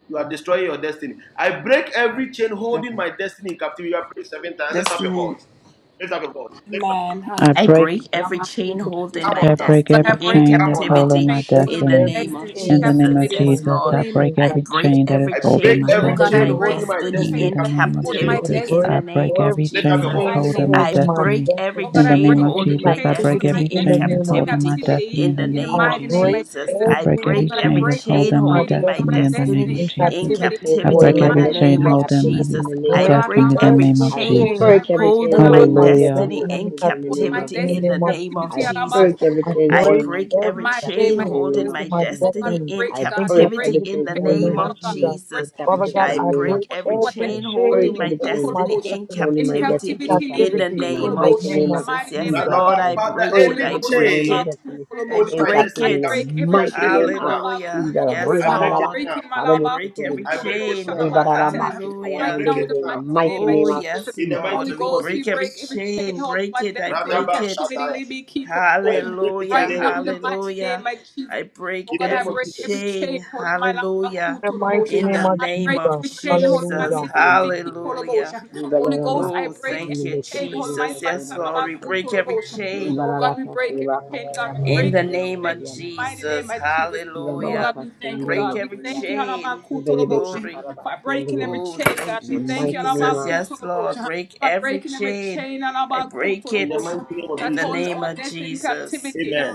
S2: you are destroying your destiny. I break every chain
S3: I'm
S2: holding my destiny in captivity. You are praying seven times. Lift up your
S3: listening.
S2: voice. Lift up your voice. Lift up.
S7: I
S3: I
S7: break
S3: break every
S6: Thank
S3: chain holding
S2: Come
S3: my
S7: I
S2: on now.
S7: break
S3: destiny
S7: every
S3: in
S7: chain
S2: Come
S7: that's
S2: on now.
S7: holding
S3: captivity
S7: my
S5: Break
S3: in the
S7: destiny.
S5: every
S3: name of
S7: In
S5: chain
S7: the name
S5: holding
S7: of
S3: Jesus. Yes,
S5: my
S7: Jesus,
S3: Lord.
S7: I
S5: destiny
S7: break
S3: I
S7: every
S3: break
S7: chain that
S5: captivity
S7: is
S3: every
S2: I
S7: holding
S3: chain
S2: break
S7: my
S5: in
S2: every
S5: the
S3: holding
S2: chain
S3: my
S7: destiny.
S5: name
S2: holding
S5: of
S2: my
S3: destiny
S2: destiny
S7: In
S2: in
S5: Jesus.
S3: in
S7: the
S2: captivity
S7: name
S2: in
S7: of
S2: the name of
S5: I
S3: captivity
S7: Jesus,
S2: Jesus.
S3: in the
S7: I
S5: break
S3: name
S7: break
S3: of
S7: every
S5: every
S2: Lift up
S7: chain
S2: your
S3: Jesus.
S7: that's
S5: chain
S2: voice.
S7: holding my
S3: I
S5: holding my
S7: destiny.
S3: break every
S5: destiny
S7: In the
S3: chain
S7: name of
S5: in
S3: holding
S7: Jesus,
S3: my
S7: I break
S3: destiny
S5: captivity
S7: every
S5: in
S3: in
S5: the
S7: chain that's
S5: name of
S7: holding my
S3: captivity
S5: Jesus.
S7: destiny. In
S3: in the
S7: the name
S3: name
S7: of
S5: I
S3: of
S7: Jesus,
S5: break
S3: Jesus.
S7: I
S3: I
S7: break
S5: every
S7: every
S3: break
S7: chain
S3: every
S5: chain
S7: that's
S3: chain
S5: holding
S7: holding my
S5: my
S3: holding my
S7: destiny. In
S5: destiny
S7: the
S3: destiny
S7: name of
S5: in
S3: in
S7: Jesus,
S5: captivity
S4: chain
S7: I
S5: in the
S3: captivity
S4: order
S7: break
S4: my
S5: name
S3: in
S5: of
S3: the
S7: every chain
S4: destiny
S3: name
S4: in
S5: Jesus.
S3: of
S7: holding
S4: captivity
S7: every,
S4: in
S3: Jesus.
S4: the
S7: my
S4: name
S3: I
S4: of
S5: break
S7: destiny.
S3: break
S7: In
S4: Jesus.
S7: the
S3: every
S7: name
S5: every
S7: of
S4: I
S3: chain
S7: Jesus.
S5: chain
S4: break every chain
S3: holding
S5: holding
S3: my
S4: order my
S5: my
S7: Hallelujah.
S4: destiny in
S3: destiny
S5: destiny
S3: in
S5: in
S4: captivity in the name
S5: captivity
S4: of
S6: you for
S5: in
S6: the
S3: captivity
S6: good
S5: the
S3: in the
S4: Jesus.
S5: name of
S3: name of
S4: I
S5: Jesus.
S3: Jesus.
S4: break every
S5: I
S4: chain
S3: I
S4: order
S5: break
S6: news
S4: my
S3: break
S4: destiny
S3: every
S5: every
S4: in
S3: chain
S6: of
S4: captivity
S5: chain
S6: the
S4: in the name
S3: holding
S4: of
S5: holding
S3: my
S5: my
S4: Jesus.
S3: destiny
S5: destiny
S3: in
S4: I
S5: in
S4: break
S3: captivity
S4: every
S5: captivity
S3: in
S4: chain
S3: the
S5: in the
S4: order my
S5: name
S3: name
S5: of
S3: of
S4: destiny in
S5: Jesus.
S3: Jesus.
S6: kingdom of
S5: Father God,
S4: captivity
S6: destiny.
S4: in
S3: I
S5: I
S4: the name of
S5: break
S3: break every
S4: Jesus.
S5: every
S4: I
S3: chain holding
S4: break
S5: chain
S3: my
S4: every
S5: holding
S4: chain.
S5: my
S3: destiny in
S5: destiny
S4: Only my destiny
S5: in
S3: captivity
S4: in
S3: in the
S4: captivity.
S5: captivity
S4: In the
S3: name
S5: in the
S3: of
S4: mighty
S5: name
S4: name
S5: of
S4: of
S3: Jesus.
S5: Jesus.
S3: Yes,
S2: Rather,
S4: Jesus,
S3: Lord,
S2: but
S4: I
S3: I
S2: Father,
S3: break
S4: break
S3: it.
S2: any
S3: I
S4: every chain. Only
S3: break
S4: my
S2: chain
S3: it.
S4: destiny
S3: I
S2: holding
S4: in
S2: my
S3: break
S4: captivity.
S2: destiny in
S4: In the
S3: it.
S2: captivity, I
S4: mighty
S2: break it
S4: name of
S2: now.
S3: Hallelujah.
S4: Jesus.
S3: Yes,
S2: I break it
S3: Lord.
S2: now.
S3: I break every
S4: Ribarabakasarabokotororo.
S2: I break it
S3: chain.
S2: now. I
S3: Hallelujah.
S2: break it
S4: Ribarabakasayamandedede. In the
S2: now.
S4: mighty
S3: Oh,
S4: name of
S3: yes,
S2: In
S4: Jesus.
S2: the
S3: Lord.
S2: mighty
S3: We
S2: name of
S3: break every
S2: Jesus.
S3: chain. Break it. I
S2: Rather,
S3: break
S2: but
S3: it.
S2: Shaddai, I break it in the
S3: Hallelujah.
S2: name of Jesus.
S3: Hallelujah. I break
S2: In the name of
S3: every
S2: Jesus.
S3: chain. Hallelujah.
S5: In the mighty
S3: In the
S5: name of
S3: name of
S5: Jesus.
S3: Jesus.
S5: Hallelujah.
S4: Yekotorobokosoro.
S3: Hallelujah. Oh, thank you,
S4: Ribarabakasayamandedede.
S3: Jesus. Yes, Lord. We break every
S4: In the
S3: chain.
S4: mighty
S3: In the name of Jesus. Hallelujah. Break every chain. Glory. Oh, thank you,
S4: name
S3: Jesus.
S4: of
S3: Yes, Lord. Break every chain. I break
S2: In the
S3: it
S2: mighty name of
S3: in the
S2: Jesus.
S3: name of Jesus.
S2: Amen.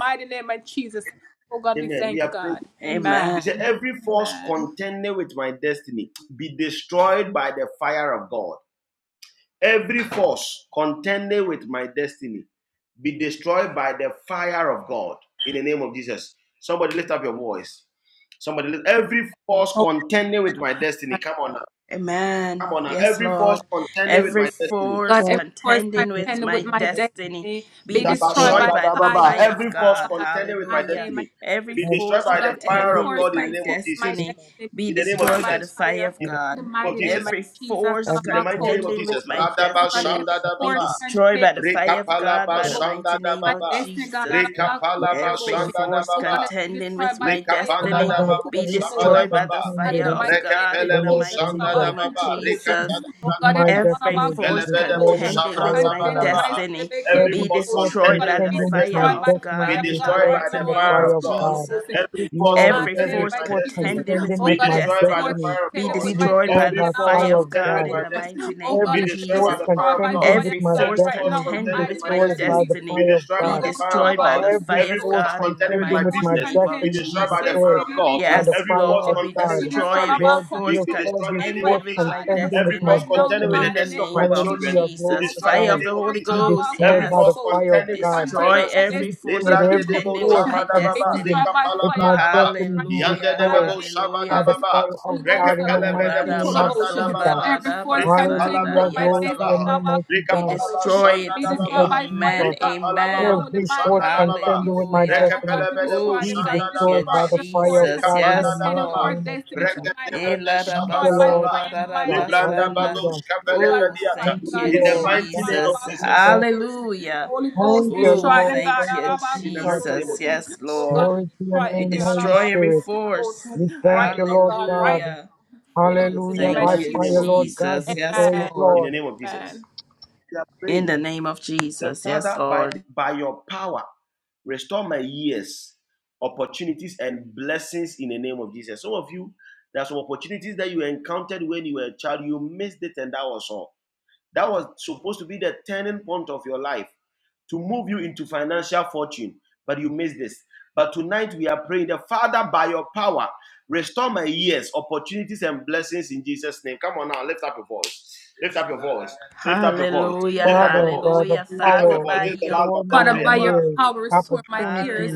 S2: Amen. We are praying. He
S3: Amen.
S2: said, Every force contending with my destiny be destroyed by the fire of God. Every force contending with my destiny be destroyed by the fire of God in the name of Jesus. Somebody lift up your voice. Somebody lift every force contending with my destiny. Come on now.
S3: Amen.
S2: Come on now.
S3: Yes,
S2: Every force
S3: Lord.
S2: contending with
S3: Every
S2: my destiny.
S3: force
S6: Lord, in the
S3: contending
S6: name
S3: with
S6: of
S3: my
S6: my destiny,
S3: destiny be
S6: you
S2: Daba,
S6: destroy
S3: destroyed
S2: shada,
S3: by the
S2: daba,
S6: my
S2: ba.
S3: fire of
S2: Every
S6: family.
S2: force
S3: God.
S2: contending with my
S3: Hallelujah.
S2: destiny
S3: Every
S2: be
S6: Every
S2: destroyed
S3: force
S2: by the
S6: force
S2: fire of
S6: contends
S3: contending with
S2: God in the
S3: my
S2: name of Jesus.
S6: with
S3: destiny
S6: my
S3: be
S2: In the name
S6: destiny.
S2: of
S3: destroyed by the
S2: Jesus.
S3: fire
S6: I
S3: of
S2: In
S6: love
S3: God.
S2: the name of Jesus.
S3: Every
S6: God.
S3: force
S6: Every
S2: In the
S6: force
S2: mighty name of
S3: contending
S6: contends
S3: with
S2: Jesus.
S3: my
S6: with
S2: Radaba
S6: my
S3: destiny
S2: Shanda
S3: be
S6: destiny.
S2: Dababa.
S3: destroyed by the fire of
S6: I
S3: God
S2: Rekapalaba
S3: by
S6: love
S3: the
S2: Shanda
S3: mighty name
S6: God.
S3: of
S2: Dababa.
S3: Jesus.
S6: and we thank
S2: Rekapalaba
S6: you
S3: Every
S6: for me
S2: Shanda
S3: force
S2: Dababa.
S6: my
S3: contending
S6: best
S3: with my
S6: and we give you
S2: Lekapanda
S5: Father
S6: praise
S3: destiny
S6: and
S5: God,
S2: Dababu
S3: be
S5: every
S6: God.
S5: force
S2: Shabada
S3: destroyed by the
S6: We
S2: Baba.
S3: fire
S5: contending,
S6: thank you
S3: of
S6: for
S3: God
S5: oh
S3: in
S6: my
S3: the
S2: Rekepelebo
S5: Lord
S6: best and
S3: mighty
S6: praise
S2: Shanda
S5: Jesus,
S3: name of
S2: Dababa.
S3: Jesus.
S2: Rekatada
S5: with my
S2: Brandabaha.
S3: Every
S5: destiny be
S3: force
S2: Velebedebo
S5: destroyed in the
S3: contending
S5: fire
S3: with
S2: Shabranda
S5: of
S3: my
S5: God.
S2: Badabaha.
S3: destiny
S2: Every
S6: and
S3: be
S5: Every
S2: force
S5: force
S3: destroyed
S2: contending
S3: by
S2: with
S3: the
S2: my
S5: contending with
S3: fire
S5: my
S2: destiny
S3: of
S6: we
S5: destiny
S2: be
S3: God
S5: be
S3: in the
S6: thank you for your
S2: destroyed
S5: destroyed
S2: by
S3: mighty
S2: the
S5: in the
S3: name
S2: fire
S6: God.
S5: fire
S3: of
S2: of
S5: of
S2: God.
S5: God.
S3: Jesus.
S6: Praise
S2: Every force
S6: and thank you
S5: Lord,
S6: my best and
S3: Every
S2: contending
S5: every
S2: with
S3: force
S2: my
S6: we
S5: force
S2: destiny
S3: contending
S6: and
S5: contending
S3: with
S2: be
S5: with
S3: my
S6: God.
S5: my
S2: destroyed by the
S3: destiny
S5: destiny
S6: Thank
S2: fire of
S3: be
S2: God.
S5: be
S3: destroyed by
S5: destroyed
S3: the
S2: Every
S5: by
S2: force
S3: fire
S5: fire
S3: of
S5: of
S2: contending
S3: God
S2: with
S3: in
S2: my
S5: God.
S3: the mighty
S2: destiny
S3: name
S2: be
S3: of
S5: Every
S2: destroyed
S5: force
S3: Jesus.
S2: by the fire of God.
S5: contending
S3: Every
S5: with my
S2: Every
S3: force
S2: force
S5: destiny be
S3: contending
S2: contending with
S3: with
S2: my
S3: my
S5: destroyed by
S2: destiny
S5: the
S2: be
S3: destiny
S5: fire of
S2: destroyed
S3: be
S2: by
S5: God.
S2: the fire of
S3: destroyed by
S2: God.
S3: the
S5: Every
S3: fire
S2: Every
S3: of
S5: force
S2: force
S3: God in the
S2: contending with
S5: contending
S2: my
S5: with
S3: mighty
S5: my
S2: business
S3: name
S2: be
S3: of
S5: destiny be
S2: destroyed by the
S3: Jesus.
S2: fire
S5: destroyed
S2: of God.
S5: by the
S3: Yes,
S2: Every
S5: fire
S2: force
S5: of
S3: Lord, we
S2: contending
S5: God.
S2: with my
S3: destroy every
S2: marriage
S5: Lord
S2: be,
S3: force
S5: Jesus,
S2: be destroyed in
S5: every
S2: the name of
S5: force
S3: contending with
S2: Jesus.
S3: my
S5: contending with
S2: Every
S5: my
S2: force
S3: destiny
S2: contending with the
S5: destiny,
S3: in the
S2: destiny of my
S3: name of
S2: children
S5: hallelujah,
S2: be
S5: glory
S3: Jesus.
S5: to
S2: destroyed in
S3: Fire
S2: the
S5: God,
S3: of the
S2: name of
S3: Holy
S5: be
S2: Jesus.
S3: Ghost,
S5: destroyed
S2: Every
S5: by
S2: force
S5: the
S3: yes.
S5: fire of
S2: contending with my
S5: God.
S3: Destroy
S2: finances.
S5: Holy
S3: every force
S5: Spirit,
S2: Lebrande
S5: every
S2: debo
S3: contending with
S5: force
S3: my
S2: shabadababa,
S5: contending
S3: destiny.
S5: with my
S2: rikapalabrandaba,
S5: destiny be
S2: yande
S3: Hallelujah,
S5: destroyed
S2: debo
S5: by
S3: hallelujah.
S5: the
S2: shabadababa,
S5: fire of God in the
S3: O
S2: rekepelebe
S5: mighty
S2: debo
S3: rada
S5: name of
S3: baso,
S2: shandadababa,
S5: Jesus.
S3: rada basanda.
S5: Hallelujah. Glory
S3: Yes,
S5: to
S2: rikapalabrandabadaba,
S5: your
S3: Lord.
S5: name, mighty
S3: We
S5: God.
S2: rikapalaba
S3: destroy it.
S5: Thank
S2: shandadababa,
S5: you,
S3: Amen.
S5: Jesus.
S2: rikapalaba
S3: Amen.
S2: debo
S5: Every force
S2: shandadababa,
S5: contending with my
S3: Hallelujah.
S5: destiny
S2: rekepelebe debo
S3: Oh,
S5: be
S3: thank
S5: destroyed
S3: you,
S2: shandadababa,
S5: by the fire of
S3: Jesus.
S5: God in the
S3: Yes,
S5: mighty
S2: rikapandadababa,
S3: Lord.
S5: name of Jesus.
S3: Eh,
S2: rekedebe de
S3: rada
S5: Thank you,
S3: baso,
S5: Lord
S2: shabadababa,
S3: rada
S5: Jesus.
S2: libranda
S3: basanda.
S5: Hallelujah.
S2: bados kapelebe
S3: Oh,
S2: diata.
S5: Thank
S3: thank
S5: you,
S3: you,
S2: In the
S5: Lord.
S2: mighty
S5: Thank
S2: name of
S5: you,
S3: Jesus.
S2: Jesus.
S5: Jesus.
S3: Hallelujah.
S5: Thank you,
S3: Oh,
S5: Lord.
S3: thank
S5: Thank
S3: you,
S5: you,
S2: In the
S5: Jesus.
S2: mighty name
S3: Jesus.
S2: of
S3: Yes,
S2: Jesus.
S3: Lord.
S5: Glory to your
S3: We
S5: name, Holy
S3: destroy every
S5: Spirit.
S3: force.
S5: We thank you, Lord God.
S3: Hallelujah. Oh,
S2: In
S5: Hallelujah.
S2: the
S5: By
S3: thank
S2: mighty
S3: you,
S2: name
S5: fire,
S2: of
S5: Lord
S2: Jesus.
S5: God,
S3: Jesus. Yes,
S5: destroy it,
S3: Lord.
S2: In the
S5: Lord.
S2: name of Jesus. We are
S3: In
S2: praying.
S3: the name of
S2: The
S3: Jesus. Yes,
S2: Father, by, the-
S3: Lord.
S2: by your power, restore my years, opportunities, and blessings in the name of Jesus. Some of you, there are some opportunities that you encountered when you were a child. You missed it, and that was all That was supposed to be the turning point of your life to move you into financial fortune, but you missed this. But tonight we are praying the Father by your power, restore my years, opportunities, and blessings in Jesus' name. Come on now, lift up your voice. Lift up your voice. Lift up your voice.
S3: Hallelujah.
S2: Lift up your
S5: Father,
S2: voice.
S5: by the
S3: Hallelujah.
S2: Lift up
S3: Father,
S2: your
S5: power,
S2: voice.
S3: by
S2: This is the last
S3: your
S2: of
S5: restore
S2: time
S5: my
S2: prayer.
S3: power.
S5: years, opportunities.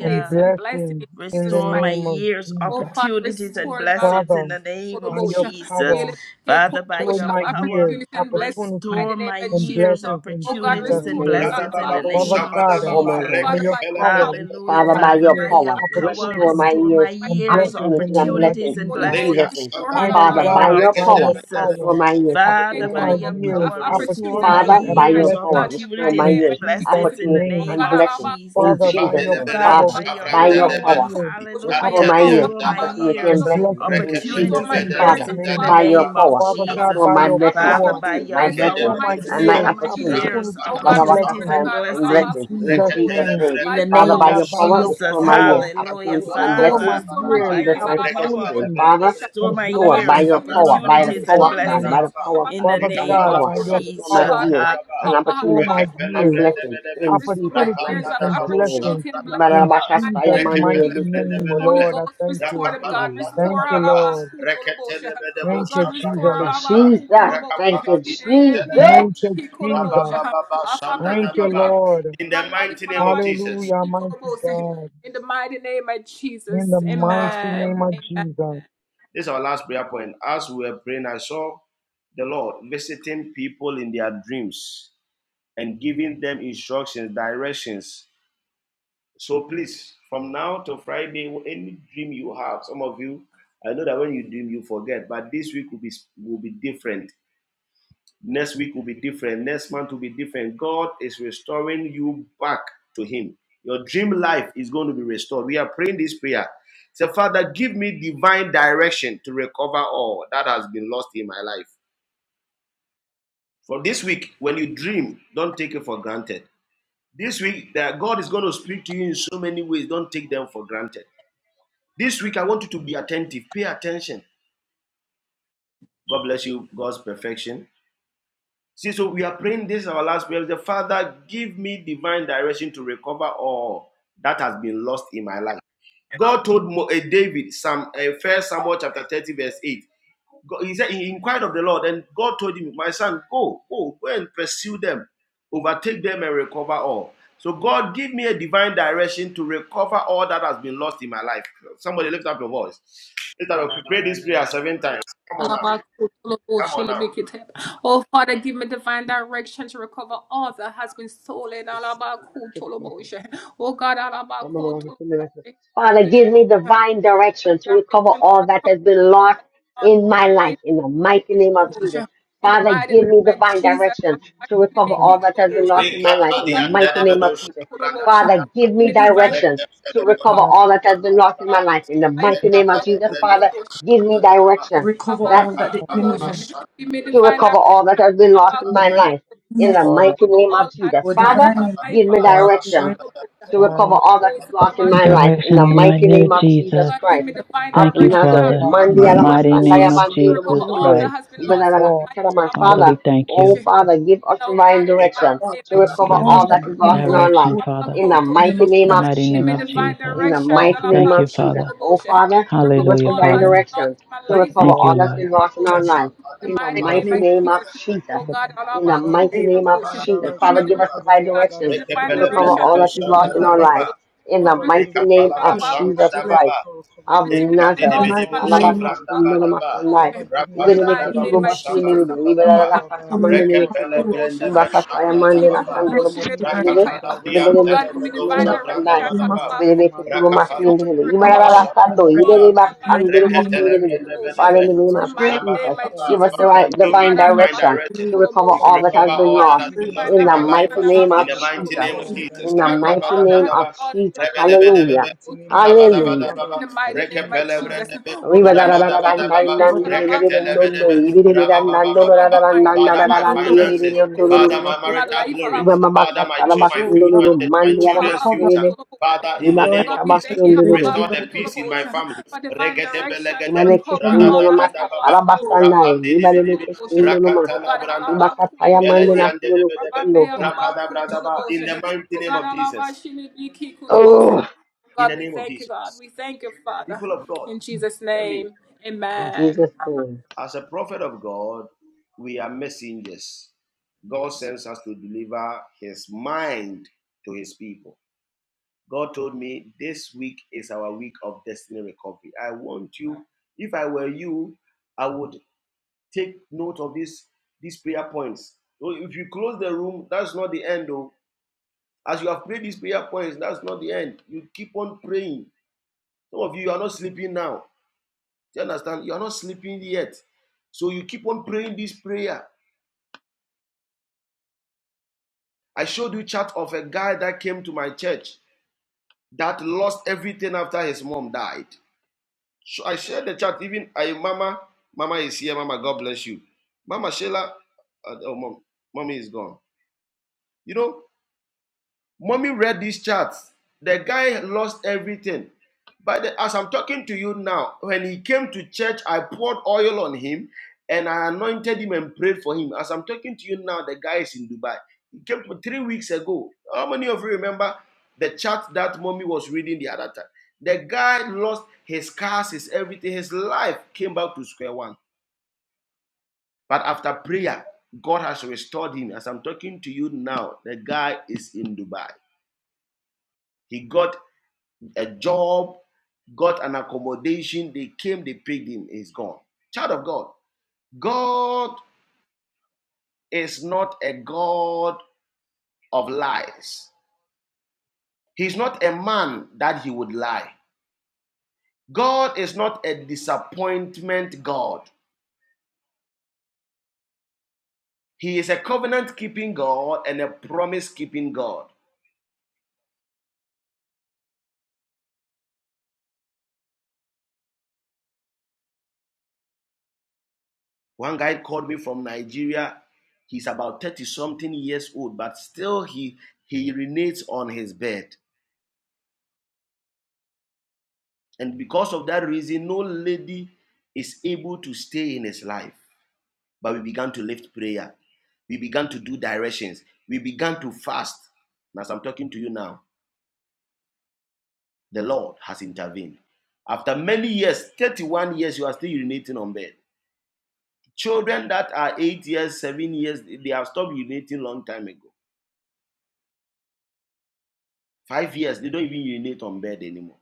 S5: and blessings in the
S3: Restore my
S5: name of
S3: years,
S5: Jesus.
S3: opportunities, and blessings
S5: Father,
S3: in the name
S5: by
S3: of
S5: your
S3: Jesus.
S5: power,
S3: Father, by
S5: toward
S3: your
S5: my
S3: power,
S5: years, opportunities,
S3: restore my
S5: and
S3: years,
S5: blessings in
S3: opportunities,
S5: Jesus'
S3: and
S5: name.
S2: Rada
S3: blessings in the
S2: baba bo
S5: Father
S4: Jesus.
S3: name of
S2: shabada
S5: God,
S4: Oh
S2: baba
S4: my God.
S3: Jesus.
S5: by
S2: reke
S5: your
S2: pelebre
S5: power,
S3: Hallelujah.
S5: restore
S4: Father,
S5: my
S4: by
S3: Father,
S4: your
S3: by
S5: years,
S4: power,
S3: your power,
S4: restore
S5: opportunities,
S4: my
S3: restore my
S4: ears,
S5: and
S3: years,
S5: blessings in the
S4: opportunities, and
S5: name of
S3: opportunities,
S4: blessings
S3: and
S4: in
S5: Jesus.
S2: leka
S4: Jesus'
S3: blessings
S4: name.
S2: shanda
S3: in the
S5: Mighty
S4: Father,
S2: baba
S3: name
S4: by
S5: God,
S4: your
S3: of
S2: reke
S5: by
S4: power,
S5: your
S2: tebe
S3: Jesus.
S5: power,
S4: restore my ears,
S3: Father,
S4: opportunities,
S5: restore
S4: and
S3: by
S5: my
S4: blessings
S3: your
S4: in
S5: years,
S3: power,
S4: Jesus' name.
S3: restore my
S5: opportunities,
S4: Father, by
S5: and
S4: your
S3: years,
S4: power,
S5: blessings
S4: restore my
S3: opportunities,
S5: in
S3: and
S4: ears,
S5: Jesus'
S3: blessings in the
S4: opportunities,
S5: name.
S3: name
S4: and
S3: of
S4: blessings in
S3: Jesus.
S5: Father, by
S4: Jesus'
S5: your
S4: name.
S2: Ivadelebelebe
S3: Father,
S5: power,
S4: Father,
S3: by your
S4: by
S5: restore
S4: your
S5: my
S3: power,
S2: Savrandedebe,
S4: power,
S5: years,
S4: restore
S3: hallelujah,
S4: my ears,
S3: restore my
S5: opportunities,
S4: opportunity,
S2: Anteliandadababa,
S4: and
S5: and
S3: years,
S4: blessings
S5: blessings
S4: in
S5: in
S4: Jesus'
S3: opportunities,
S4: name.
S3: and
S5: Jesus'
S4: Father,
S3: blessings in the
S5: name.
S4: by your
S2: Rekepelebedeliandadababa,
S3: name of
S4: power,
S5: Father God,
S3: Jesus.
S4: restore
S5: by
S4: my
S5: your
S4: blessing,
S3: Father,
S2: Rabadabababa,
S5: power,
S3: by
S4: opportunity,
S3: your
S4: my blessings,
S5: restore
S3: power,
S5: my
S4: and
S2: Ikedebelebedebe,
S4: my
S5: years,
S3: restore my
S4: opportunity.
S3: years,
S5: opportunities,
S2: Rabadababa,
S5: and
S3: opportunities,
S5: blessings
S3: and
S4: Barabakasa and
S2: Shandabababa,
S5: in
S3: blessings
S4: blessings in
S5: Jesus'
S4: Jesus'
S5: name.
S4: name.
S3: in the
S4: Father,
S5: Father
S3: name
S4: by
S2: Rekepelebredebedebe,
S3: of
S5: God,
S4: your
S5: by
S4: power,
S5: your
S3: Jesus.
S4: restore my
S2: Shandabababa,
S4: years,
S5: power,
S3: Hallelujah.
S4: opportunities, and
S5: restore
S4: blessings
S5: my
S3: Father,
S4: in
S2: Rakapalabrandabababa,
S5: years,
S3: by
S4: Jesus'
S3: your
S4: mighty precious
S3: power,
S4: name.
S5: opportunities,
S4: Father,
S3: restore
S5: and
S3: my
S2: Rekepelebredebedebe,
S4: restore by
S3: years,
S5: blessings
S4: your power,
S5: in
S4: by the
S2: Rabababu,
S3: opportunities, and
S4: power
S5: Jesus'
S4: of God, by
S5: name.
S4: the
S3: blessings
S2: Shandabababa,
S4: power of
S3: in
S4: God,
S3: the
S5: Father
S4: by the
S3: name
S5: God,
S3: of
S4: power,
S5: by your
S2: Rikapalabababu,
S4: restore my
S3: Jesus.
S5: power,
S4: ears
S3: Ha-
S2: Shandabababa,
S4: and
S5: restore
S4: opportunity
S5: my
S2: Reketele
S4: and
S2: ba.
S5: years
S4: blessings in Jesus'
S5: opportunities
S4: mighty
S5: and
S4: precious name.
S5: blessings in
S4: Ibarabakasaya
S5: Jesus' mighty
S2: Rekepele brende
S5: name,
S2: bede be.
S5: Lord. I thank you.
S4: Thank
S2: Rakapala branda
S5: Thank you,
S2: bada ba.
S5: Lord.
S2: Reketele bede bo
S5: Thank you,
S2: shabranda
S5: Jesus.
S4: you,
S2: bada ba, Rekepelebrendebedebe,
S4: Jesus.
S2: rapandadababoshandadabadaba, rekepelebrendebedebe, rakapalabrandabadaba, reketelebedeboshabrandabadaba,
S4: Thank you,
S5: Thank
S4: Jesus.
S2: rakapaladiantelebedoshe,
S5: you, Jesus. Thank you,
S2: rababababashandadababa.
S5: Lord.
S2: In the mighty name of Jesus. This
S5: Hallelujah, mighty God. In the
S2: is our
S5: mighty
S2: last prayer
S5: name of
S2: point.
S5: Jesus.
S2: This is our last prayer point. As we were praying, I saw the Lord visiting people in their dreams and giving them instructions, directions So please, from now to Friday, any dream you have, some of you, I know that when you dream you forget, but this week will be will be different. Next week will be different. Next month will be different. God is restoring you back to Him. Your dream life is going to be restored. We are praying this prayer. Say, Father, give me divine direction to recover all that has been lost in my life. For this week, when you dream, don't take it for granted. This week, that God is going to speak to you in so many ways. Don't take them for granted. This week, I want you to be attentive. Pay attention. God bless you, God's perfection. See, so we are praying this our last prayer. The Father, give me divine direction to recover all that has been lost in my life. God told eh, David, Psalm, eh, First Samuel chapter 30, verse 8, God, he said he inquired of the Lord, and God told him, My son, go, go, go and pursue them, overtake them and recover all. So God give me a divine direction to recover all that has been lost in my life. Somebody lift up your voice. Lift up pray this prayer seven times. Come on now. Come on now.
S4: Father, give me divine direction to recover all that has been lost in my life in the mighty name of
S10: Jesus Christ,
S4: Jesus. Father, give me divine direction to
S6: you
S4: recover
S6: for the
S4: all
S6: love
S4: that has been lost in
S2: Wake
S4: my
S2: up
S4: life
S2: at
S4: in
S2: the
S4: the
S2: end of
S4: mighty
S10: in
S2: the
S4: name
S2: door.
S4: of Jesus.
S10: the
S4: Father, give me
S10: name of Jesus,
S2: Wake
S4: direction
S2: up,
S4: to
S6: that
S4: recover
S6: I am
S4: all
S6: and
S4: that has been lost in my life in the mighty
S6: thank you
S4: name of Jesus. Father, give me
S10: to
S4: direction.
S10: recover
S4: that
S10: all that the
S6: for the pursuit of my destiny. Even though my surrounding is very
S10: enemy has
S6: important to me,
S4: to recover all that has been lost
S10: taken
S4: in
S10: in the
S4: my
S10: mighty
S4: life.
S10: name
S4: In
S10: of
S4: the
S6: for the
S4: mighty name of Jesus.
S10: for
S4: Father,
S10: divine,
S4: give me
S6: God,
S10: divine,
S4: direction to recover
S6: divine,
S4: all that is lost in my life. In
S7: Direction
S4: the
S7: in the mighty
S4: mighty
S7: name
S4: name
S7: of
S4: of Jesus
S7: Jesus.
S4: Christ
S10: recover
S4: of
S7: Thank you,
S10: all
S4: Nazareth.
S7: Father,
S6: God,
S10: the
S4: Mandi
S7: in the
S10: name
S7: mighty
S4: alamasanda
S7: name
S4: ya
S7: of
S4: mandi
S7: Jesus
S10: of
S4: ulomosundoi.
S7: Christ.
S4: Ibada la la
S6: all
S4: katara ma.
S6: that
S7: Father,
S4: Father,
S7: we thank
S4: oh
S7: you.
S6: thank
S4: Father, give us divine direction
S10: God,
S4: to
S6: the
S4: recover
S7: Give
S10: all
S7: us
S4: all
S6: divine
S10: that
S4: that is
S10: the enemy
S4: lost in
S10: has
S4: our
S7: direction,
S4: life.
S10: put in
S7: Father,
S4: In the
S10: the name
S4: mighty
S10: of
S7: in
S4: name
S7: the
S4: of
S7: mighty name of
S4: Jesus.
S7: Jesus.
S4: In the
S6: God
S7: We
S4: mighty name
S7: thank you,
S4: of Jesus.
S7: Father.
S4: Oh Father,
S6: and thank
S4: give us
S7: Hallelujah,
S4: divine
S7: Father.
S4: direction to
S10: Jesus
S6: the
S4: recover
S7: Thank
S6: all
S7: you,
S4: all
S6: the
S4: that's
S7: Lord.
S4: been lost in
S6: God
S4: our life
S10: in
S4: in
S10: the
S4: the
S6: in
S10: mighty
S6: my
S4: mighty
S10: name
S4: name of
S6: in
S4: Jesus.
S6: the mighty
S4: In the
S6: name of Jesus.
S5: Father,
S4: mighty
S5: give
S10: of
S5: me
S4: name of
S5: divine
S4: Jesus.
S5: direction
S4: Father,
S5: to
S4: give us the
S5: recover
S4: right
S5: all that
S4: direction
S5: has been
S10: Jesus,
S4: to
S2: Rekepele
S5: lost
S4: recover
S10: divine,
S2: brende
S4: all
S2: be
S4: that is
S5: in my
S2: shanda
S4: lost
S10: and
S4: in
S2: da
S4: our
S10: tonight,
S5: life.
S2: baba.
S4: lives. In the
S5: Father, give
S4: mighty
S5: me
S4: name
S2: Rekapala ba
S5: divine
S4: of
S10: in
S2: shanda
S4: Jesus
S2: da
S5: directions to
S4: Christ
S2: baba.
S5: co- recover
S4: of
S5: all that has
S10: the
S4: Nazareth.
S5: been
S10: mighty
S5: lost
S2: Ekadidibidebo
S5: in my
S10: name of
S5: life.
S2: shavranda badaba.
S4: Alabakasundurumasanai.
S5: Father, give me
S10: God,
S2: Rapanda
S5: divine
S2: dababo
S10: Jesus,
S5: directions to
S2: shavanda
S4: Ibeleketurubasimilide.
S5: recover
S10: come
S2: badaba.
S10: hold
S5: all that
S10: the
S5: has
S10: enemy
S5: been
S10: to
S5: lost in
S2: Rekepele
S4: Ibelelelakakamandelerekete.
S5: my
S10: confuse,
S5: life.
S2: brende be shanda
S5: Father,
S2: dababa.
S10: pray
S5: give
S10: for
S5: me
S10: divine,
S4: Ibakasayamandenakandurubosindilide.
S5: divine
S2: Rakapala diam
S5: directions to recover
S2: telebedo
S10: in the
S2: shavranda
S4: Ibelelelekupandelemasanai.
S10: mighty name of
S2: badaba.
S4: Belebeke tuluma
S2: Rakapala
S10: Lord,
S4: sin
S10: we
S4: de de.
S10: pray
S2: daba
S10: for divine
S2: shanda
S4: Ibarabasando,
S10: direction in
S2: dababa.
S10: the mighty
S4: Iberebakando,
S10: name. of-
S4: Mosin
S10: we
S2: Reketele
S4: de de.
S2: brende
S4: Father, in
S2: bedebe.
S4: the name of
S10: Pray for
S4: Jesus,
S2: Rabababa.
S10: divine
S4: give us the right
S2: Father, give me
S4: divine
S10: in the
S2: divine
S4: direction
S10: mighty
S2: direction
S10: name
S4: to
S10: of Jesus,
S4: recover
S2: to
S4: all that
S2: recover
S4: has been
S2: all that
S4: lost.
S2: has been lost
S4: In
S2: in
S4: the
S2: my life.
S4: mighty
S10: the
S4: name
S2: In
S4: of
S2: the
S10: Master,
S2: mighty
S4: Jesus.
S2: name of
S10: in the
S2: Jesus.
S4: In the
S10: name
S2: Randa
S10: of
S4: mighty
S10: Jesus.
S4: name of Jesus.
S2: badaba.
S4: Hallelujah. Hallelujah.
S2: Rabadabadababa, rekepelebredebe,
S10: Thank you,
S2: rabadabadababa,
S10: Lord.
S2: reketelebedebe, rabababababa. Father, my
S10: Thank you, Lord,
S2: finances. Father,
S10: for
S2: my
S10: this
S2: marital glory. Father, my, chil- my,
S10: whole
S2: future,
S10: God
S2: my,
S10: that you will
S2: children's
S10: recover
S2: future.
S10: all of us,
S2: Father, in the
S4: Iba
S10: Lord,
S2: name of Jesus,
S10: we pray for
S2: restore the
S10: divine
S2: peace in
S10: direction
S2: my family. Regedebelegede,
S10: in
S4: Imaneke
S10: the
S4: sindo
S10: mighty
S4: no
S10: name
S4: maka
S2: radadadadababa,
S10: of Jesus,
S4: sarabasandai.
S2: rapandidibidibi,
S4: Imaneke sindo no ma.
S2: rakatalabradaba,
S4: Ibaka taya
S10: the
S4: mande
S10: Master.
S4: na kiyo no
S2: ibelediandedebedebe,
S4: kusundo.
S10: in the name
S2: rakadabradaba. In the mighty name of Jesus.
S4: Oh,
S2: In the name of Jesus. People of God. I mean,
S4: in Jesus' name.
S2: as a prophet of God, we are messengers. God sends us to deliver his mind to his people. God told me this week is our week of destiny recovery. I want you, if I were you, I would take note of this, these prayer points. So If you close the room, that's not the end, though. As you have prayed these prayer points, that's not the end. You keep on praying. Some of you are not sleeping now. Do you understand? You are not sleeping yet. So you keep on praying this prayer I showed you chart of a guy that came to my church that lost everything after his mom died. So I shared the chart. Even I, Mama, Mama is here. Mama, God bless you. Mama Sheila, uh, oh, mom, mommy is gone. You know, Mommy read these charts. The guy lost everything. But the- as I'm talking to you now, when he came to church, I poured oil on him and I anointed him and prayed for him. As I'm talking to you now, the guy is in Dubai. He came to three weeks ago. How many of you remember the chart that mommy was reading the other time? The guy lost his cars, his everything, his life came back to square one. But after prayer, God has restored him. As I'm talking to you now, the guy is in Dubai. He got a job, got an accommodation, they came, they paid him, he's gone. Child of God, God is not a God of lies. He's not a man that he would lie. God is not a disappointment God. He is a covenant keeping God and a promise keeping God. One guy called me from Nigeria. He's about 30 something years old, but still he he urinates on his bed. And because of that reason, no lady is able to stay in his life. But we began to lift prayer. We began to do directions. We began to fast. And as I'm talking to you now, the Lord has intervened. After many years, 31 years, you are still urinating on bed. Children that are eight years, seven years, they have stopped urinating long time ago. Five years, they don't even urinate on bed anymore.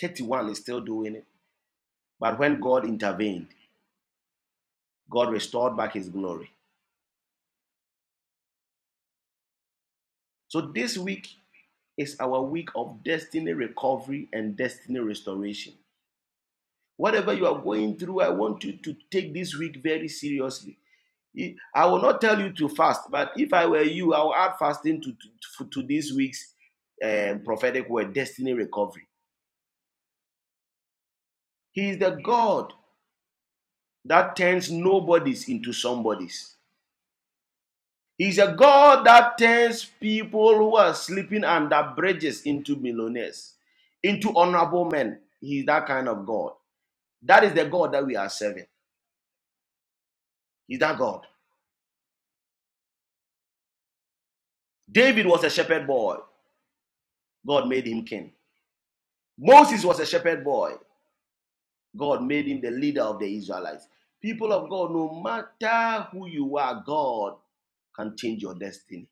S2: 31 is still doing it. But when God intervened, God restored back his glory. So this week, is our week of destiny recovery and destiny restoration. Whatever you are going through, I want you to take this week very seriously. I will not tell you to fast, but if I were you, I will add fasting to, to, to this week's um, prophetic word, destiny recovery. He is the God that turns nobodies into somebodies. He is a God that turns people who are sleeping under bridges into millionaires, into honorable men. He is that kind of God. That is the God that we are serving. Is that God? David was a shepherd boy. God made him king. Moses was a shepherd boy. God made him the leader of the Israelites. People of God, no matter who you are, God can change your destiny.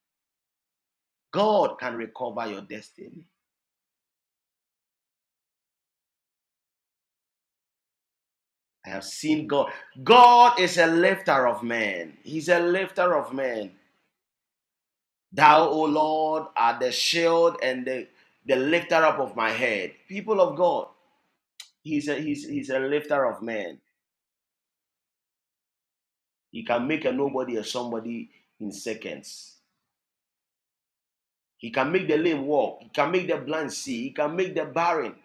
S2: God can recover your destiny. I have seen God. God is a lifter of men. He's a lifter of men. Thou, O Lord, art the shield and the, the lifter up of my head. People of God, He's a, he's, he's a lifter of men. He can make a nobody a somebody in seconds. He can make the lame walk. He can make the blind see. He can make the barren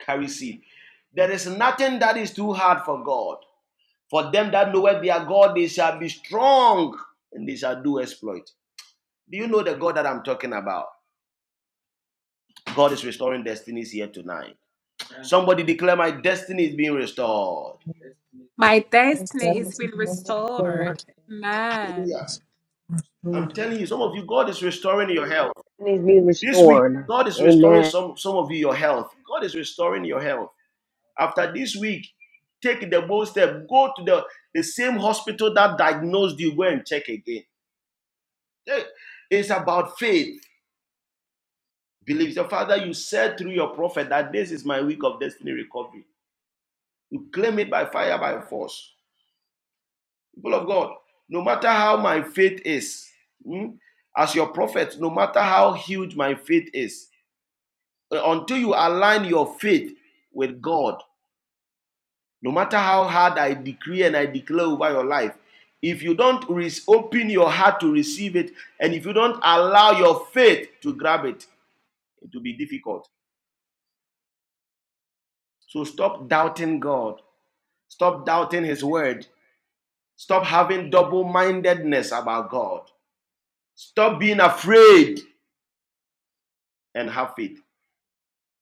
S2: carry seed. There is nothing that is too hard for God. For them that know where their God, they shall be strong and they shall do exploit. Do you know the God that I'm talking about? God is restoring destinies here tonight. Yeah. Somebody declare, My destiny is being restored.
S6: Bless continue
S2: Hallelujah.
S10: of Jesus.
S2: I'm telling you, some of you, God is restoring your health.
S4: And he's being
S2: This week,
S4: restored.
S2: God is restoring
S4: Amen.
S2: some, some of you your health. God is restoring your health. After this week, take the bold step. Go to the, the same hospital that diagnosed you. Go and check again. Eh, It's about faith. Believe your father, you said through your prophet that this is my week of destiny recovery. You claim it by fire, by force. People of God, no matter how my faith is, hmm, as your prophet, no matter how huge my faith is, until you align your faith with God, No matter how hard I decree and I declare over your life, if you don't open your heart to receive it, and if you don't allow your faith to grab it, it will be difficult. So stop doubting God. Stop doubting His word. Stop having double mindedness about God. Stop being afraid and have faith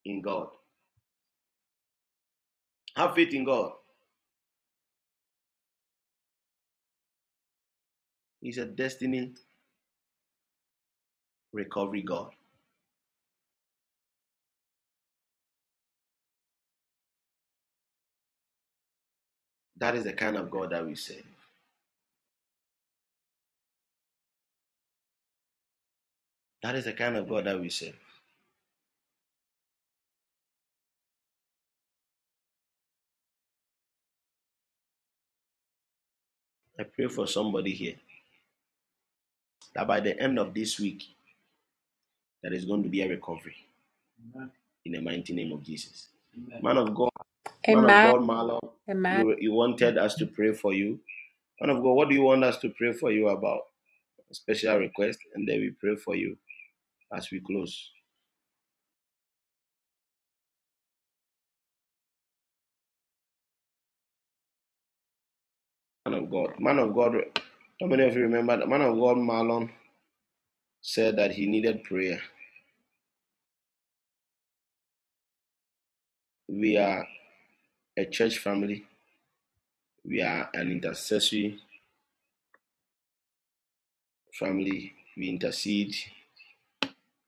S2: in God. Have faith in God. He's a destiny recovery God. That is the kind of God that we serve. That is the kind of God that we serve. I pray for somebody here that by the end of this week, there is going to be a recovery Amen. in the mighty name of Jesus. Amen. Man of God, man of
S1: Amen.
S2: God, Marlon,
S1: Amen.
S2: you, you wanted us to pray for you. Man of God, what do you want us to pray for you about? A special request, and then we pray for you as we close. Man of God, man of God, how many of you remember that man of God, Marlon, said that he needed prayer? We are a church family, we are an intercessory family. We intercede,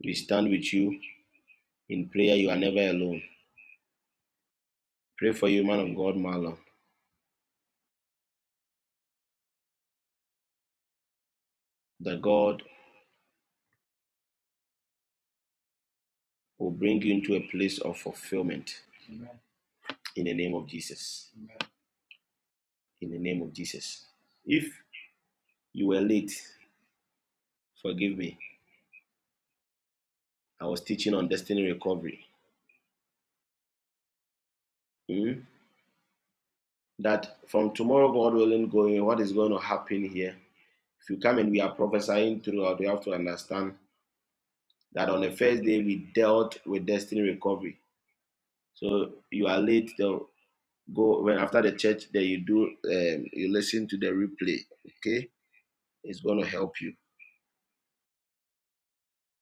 S2: we stand with you. In prayer, you are never alone. Pray for you, man of God, Marlon, that God will bring you into a place of fulfillment Amen. in the name of Jesus. Amen. In the name of Jesus. If you were late, forgive me. I was teaching on destiny recovery. Hmm? That from tomorrow, God willing, going, what is going to happen here? If you come and we are prophesying throughout, you have to understand that on the first day we dealt with destiny recovery. So you are late. the Go when after the church, then you do um, you listen to the replay. Okay, it's going to help you.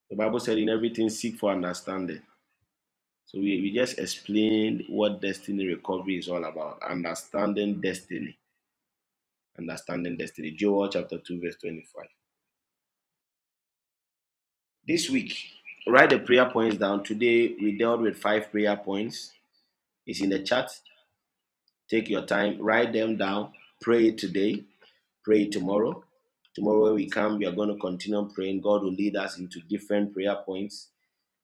S2: The Bible said, "In everything, seek for understanding." So we, we just explained what destiny recovery is all about. Understanding destiny, understanding destiny. Joel chapter two, verse twenty-five. This week, write the prayer points down. Today we dealt with five prayer points. It's in the chat. Take your time, write them down, pray it today pray tomorrow. Tomorrow, when we come, we are going to continue praying. God will lead us into different prayer points.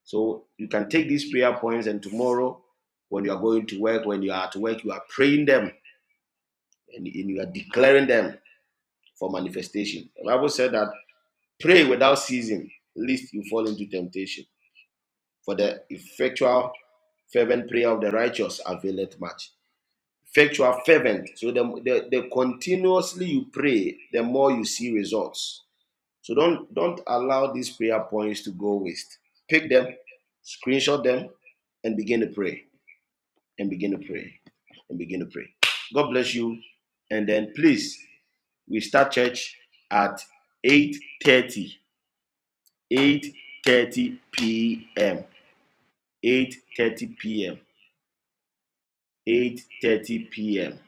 S2: So you can take these prayer points, and tomorrow, when you are going to work, when you are at work, you are praying them and, you are declaring them for manifestation. The Bible said that pray without ceasing, lest you fall into temptation. For the effectual, fervent prayer of the righteous availeth much. Effectual, fervent. So the, the, the continuously you pray, the more you see results So don't don't allow these prayer points to go waste. Pick them, screenshot them, and begin to pray. And begin to pray. And begin to pray. God bless you. And then please, we start church at 8:30. 8:30 p.m. 8:30 p.m. 8:30 p.m.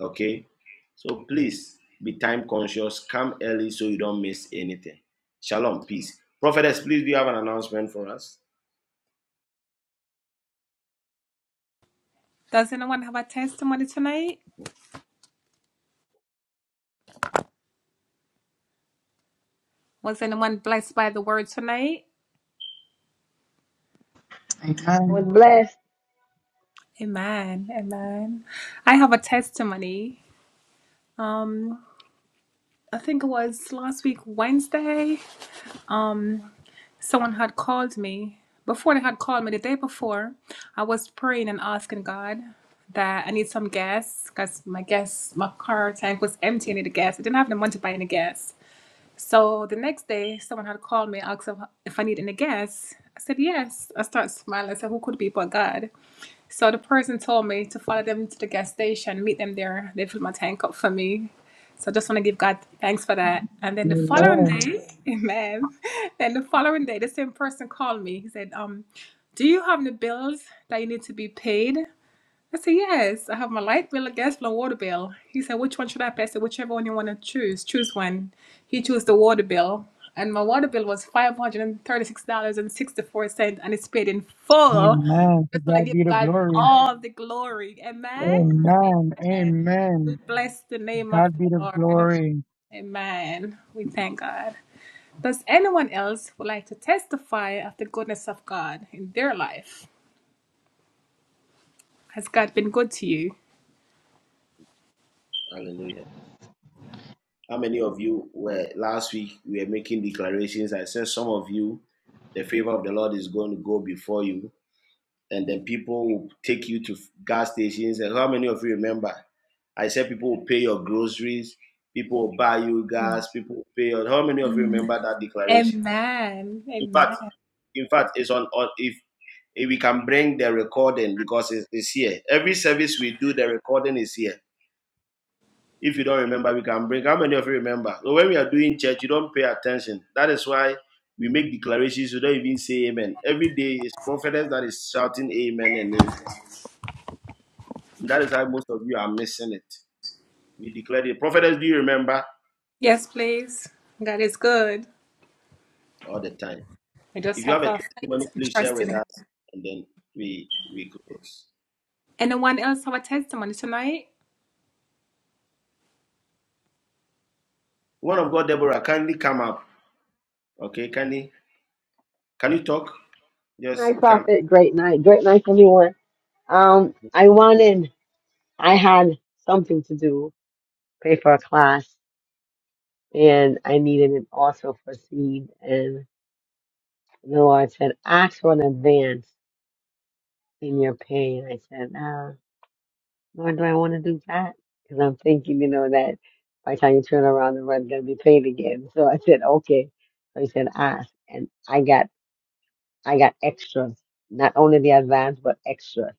S2: Okay? So please be time conscious. Come early so you don't miss anything. Shalom, peace. Prophetess, please do you have an announcement for us?
S4: I was blessed.
S5: Amen. Amen. To God be the glory. Amen. Amen. God be the glory.
S2: Hallelujah. How many of you were last week? We were making declarations. I said some of you, the favor of the Lord is going to go before you, and then people will take you to gas stations. And how many of you remember? I said people will pay your groceries, people will buy you gas, people will pay your. How many of you remember that declaration? In fact, in fact, it's on. on if if we can bring the recording because it's, it's here. Every service we do, the recording is here. If you don't remember, we can bring. How many of you remember? So when we are doing church, you don't pay attention. That is why we make declarations. You don't even say amen. Every day is prophetess that is shouting amen and amen. That is how most of you are missing it. We declare it. prophetess. Do you remember all the time? If you have a testimony, please share with us, and then we we close. One of God, Deborah, kindly come up. Okay, kindly, can you talk? Just
S4: Night
S2: come.
S4: prophet. Great night. Great night, everyone. Um, I wanted, I had something to do, pay for a class, and I needed it also for seed. And the Lord said, ask for an advance in your pay. And I said, ah. nor do I want to do that because I'm thinking, you know, that by the time you turn around, the rent's gonna be paid again. So I said, okay. So he said, ask, and I got, I got extras, not only the advance but extra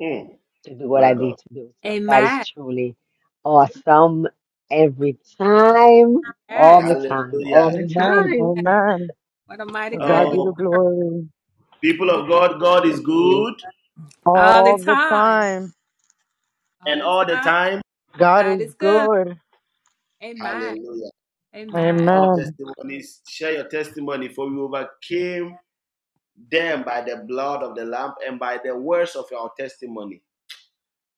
S2: Mm,
S4: to do what
S2: my
S4: I
S2: God,
S4: need to do. So God is truly awesome every time, all the time, all
S2: Hallelujah!
S4: the
S5: Amen.
S4: time. [LAUGHS]
S5: Amen. To God
S4: Yes,
S5: be the
S2: Oh,
S5: glory.
S2: people of God, God is
S4: hallelujah.
S2: good.
S5: All the time.
S2: and all the time.
S5: God is good.
S2: Hallelujah.
S4: Uh,
S2: More
S5: Amen.
S2: testimonies. Share your testimony, for we overcame them by the blood of the Lamb and by the words of our testimony.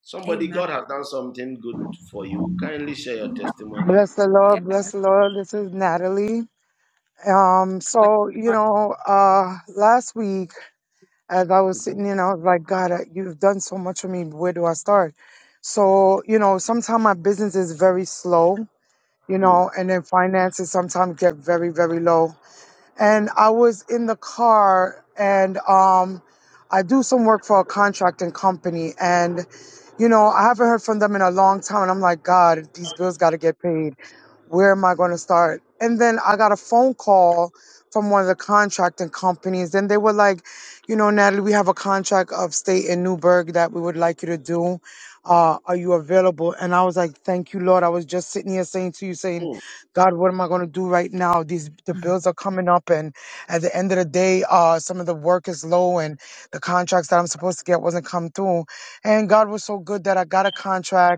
S2: Somebody, God has done something good for you. Kindly share your testimony.
S5: Bless the Lord, bless the Lord. This is Natalie. Um, so you know, uh, last week as I was
S2: Mhm.
S5: sitting in, I was like, God, I- you've done so much for me. Where do I start? So you know, sometimes my business is very slow, you
S2: Mm,
S5: know, and then finances sometimes get very, very low. And I was in the car, and um, I do some work for a contracting company, and you know, I haven't heard from them in a long time, and I'm like, God, these bills got to get paid where am I going to start? And then I got a phone call from one of the contracting companies, and they were like, you know, Natalie, we have a contract upstate in Newburgh that we would like you to do. Uh, are you available? And I was like, thank you, Lord. I was just sitting here saying to you, saying,
S2: mm,
S5: God, what am I going to do right now? These the bills are coming up, and at the end of the day, uh, some of the work is low, and the contracts that I'm supposed to get wasn't come through. And God was so good that I got a contract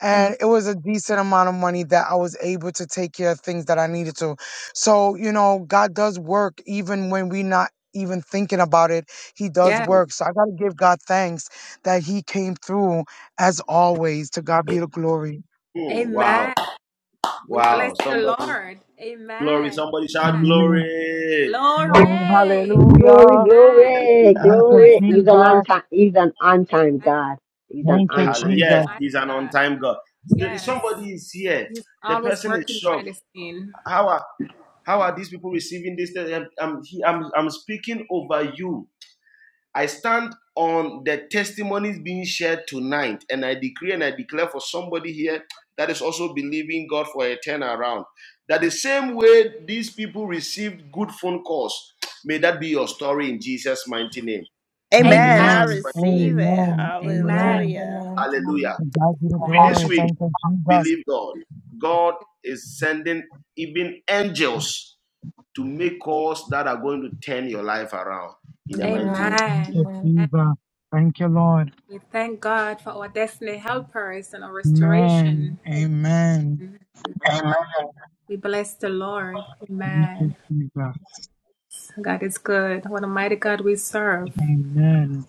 S5: and it was a decent amount of money that I was able to take care of things that I needed to. So, you know, God does work even when we are not even thinking about it. He does
S2: mm,
S5: work. So I got to give God thanks that he came through as always. To God be the glory.
S2: mm. Wow, wow. Somebody, glory. Somebody shout
S5: Amen.
S2: glory.
S5: Glory,
S4: Glory,
S5: Hallelujah.
S4: glory,
S5: Thank you,
S4: glory. He's an on
S5: Jesus.
S4: time. He's an on time God. He's an
S5: Thank you,
S4: on
S2: Hallelujah.
S4: time
S2: Yes,
S5: Jesus.
S2: He's an on time God. Somebody is here. The person is shocked. How How are these people receiving this? I'm, I'm, I'm- I'm speaking over you. I stand on the testimonies being shared tonight, and I decree and I declare for somebody here that is also believing God for a turnaround. That the same way these people received good phone calls, may that be your story in Jesus' mighty name. In
S3: Amen. I
S2: Jesus'
S5: Amen.
S2: mighty name.
S3: receive it.
S5: Amen.
S2: Mighty name.
S5: Amen.
S3: Hallelujah.
S2: Hallelujah.
S5: To God be the
S2: This
S5: glory.
S2: week,
S5: Thank you, Jesus.
S2: Believe God. God is sending even angels to make calls that are going to turn your life around in the mighty
S9: Amen.
S2: name.
S5: Thank you,
S9: Amen.
S5: Jesus. Thank you, Lord. Amen. Amen. Thank you, Jesus. Amen.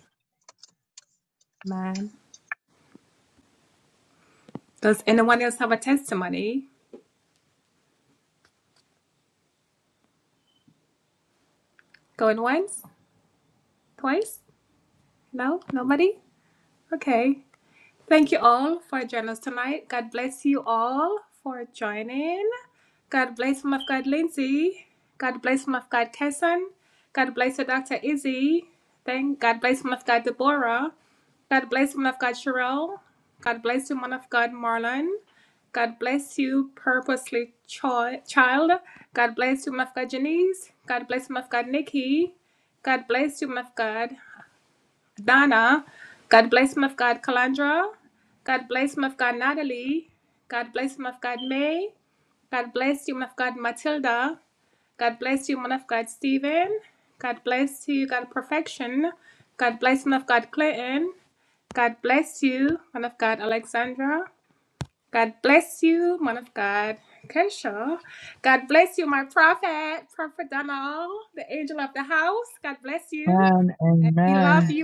S5: And amen.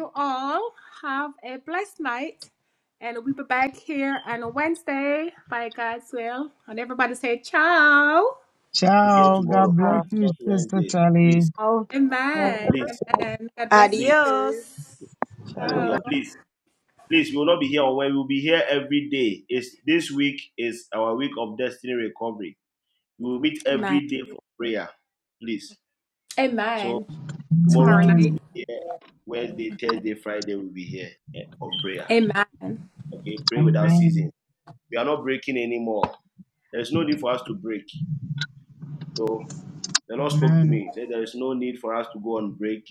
S2: Here
S5: Ciao.
S2: tomorrow,
S5: God bless
S2: please,
S5: you,
S2: not
S5: Sister
S2: Wednesday.
S5: Sally.
S2: Please,
S4: God.
S2: please, please,
S3: Adios.
S6: God
S4: Bye bye.
S6: bless
S2: hallelujah,
S6: you.
S2: please. Please, we will not be here on Wednesday. We will be here every day. It's, this week is our week of destiny recovery. We will meet every day for prayer, please. So tomorrow
S1: Tomorrow
S2: too, we
S1: night.
S2: will
S5: Amen.
S2: be here. Wednesday, Thursday, Friday, we will be here eh, for prayer. Okay, pray without ceasing.
S5: Amen.
S2: We are not breaking anymore. There is no need for us to break. So the Lord spoke to
S5: Amen.
S2: me. He said there is no need for us to go on break.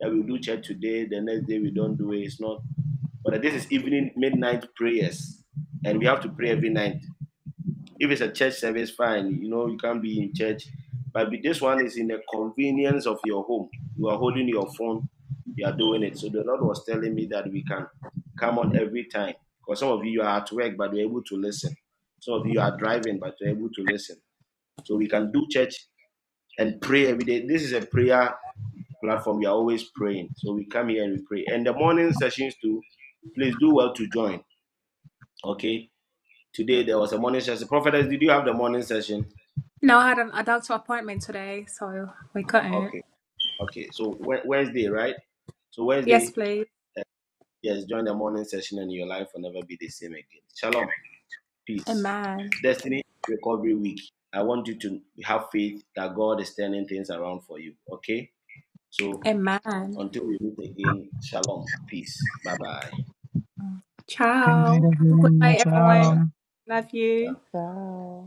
S2: That we do church today, the next day we don't do it. It's not. But this is evening midnight prayers, and we have to pray every night. If it's a church service, fine. You know, you can be in church. But this one is in the convenience of your home. You are holding your phone, you are doing it. So the Lord was telling me that we can come on every time. Because some of you you are at work, but you're able to listen. Some of you are driving, but you're able to listen. So we can do church and pray every day. This is a prayer platform. We are always praying. So we come here and we pray. And the morning sessions too, please do well to join. Okay. Today there was a morning session. Prophetess, did you have the morning session? Okay. Okay, so Wed- Wednesday, right? So Wednesday, yes, join the morning session and your life will never be the same again. Shalom, peace. Destiny Recovery Week. I want you to have faith that God is turning things around for you. Okay? So until we meet again, shalom, peace. Bye bye.
S5: Good night, everyone.
S2: Ciao.
S5: Ciao.
S2: Ciao.
S6: Ciao.